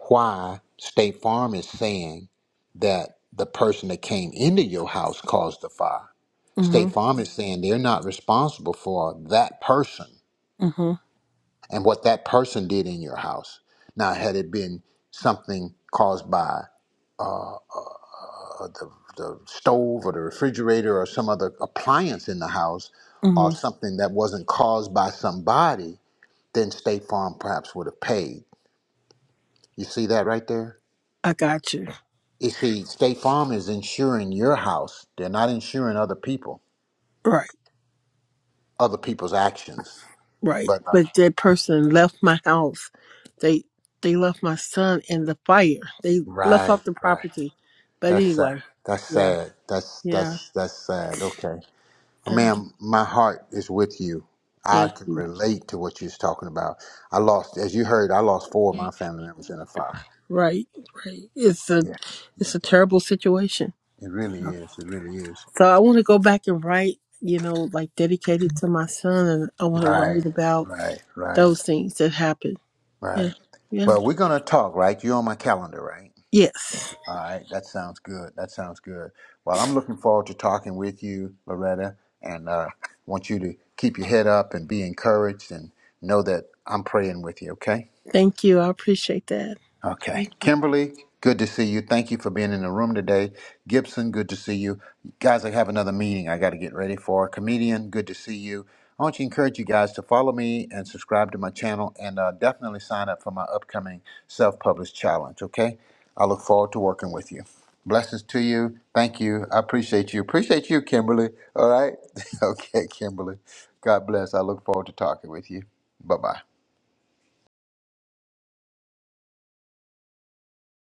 why State Farm is saying that the person that came into your house caused the fire.
Mm-hmm.
State Farm is saying they're not responsible for that person
Mm-hmm.
and what that person did in your house. Now, had it been something caused by uh, uh, uh, the, the stove or the refrigerator or some other appliance in the house or
Mm-hmm.
something that wasn't caused by somebody, then State Farm perhaps would have paid. You see that right there?
I got you.
You see, State Farm is insuring your house. They're not insuring other people,
Right.
other people's actions.
Right.
But uh,
But that person left my house. They they left my son in the fire. They left
right,
off the
right.
property. But
That's sad.
anyway,
That's
yeah,
sad. That's
yeah,
that's that's sad. Okay.
yeah.
Ma'am, my heart is with you. I
Thank
can
you.
relate to what you're talking about. I lost, as you heard, I lost four of my family members in a fire.
Right. Right. It's a
Yeah,
it's a
okay.
terrible situation.
It really is. It really is.
So I want to go back and write, you know, like dedicated to my son, and I want to
Right,
write about
right, right,
those things that happened.
right.
Yeah, yeah,
Well, we're gonna talk, right? You're on my calendar, right?
yes.
All right, that sounds good. That sounds good. Well, I'm looking forward to talking with you, Loretta, and uh, want you to keep your head up and be encouraged and know that I'm praying with you. Okay.
Thank you. I appreciate that.
Okay. Kimberly, good to see you. Thank you for being in the room today. Gibson, good to see you. Guys, I have another meeting I got to get ready for. Comedian, good to see you. I want to encourage you guys to follow me and subscribe to my channel and uh, definitely sign up for my upcoming self published challenge, okay? I look forward to working with you. Blessings to you. Thank you. I appreciate you. Appreciate you, Kimberly. All right? okay, Kimberly. God bless. I look forward to talking with you. Bye bye.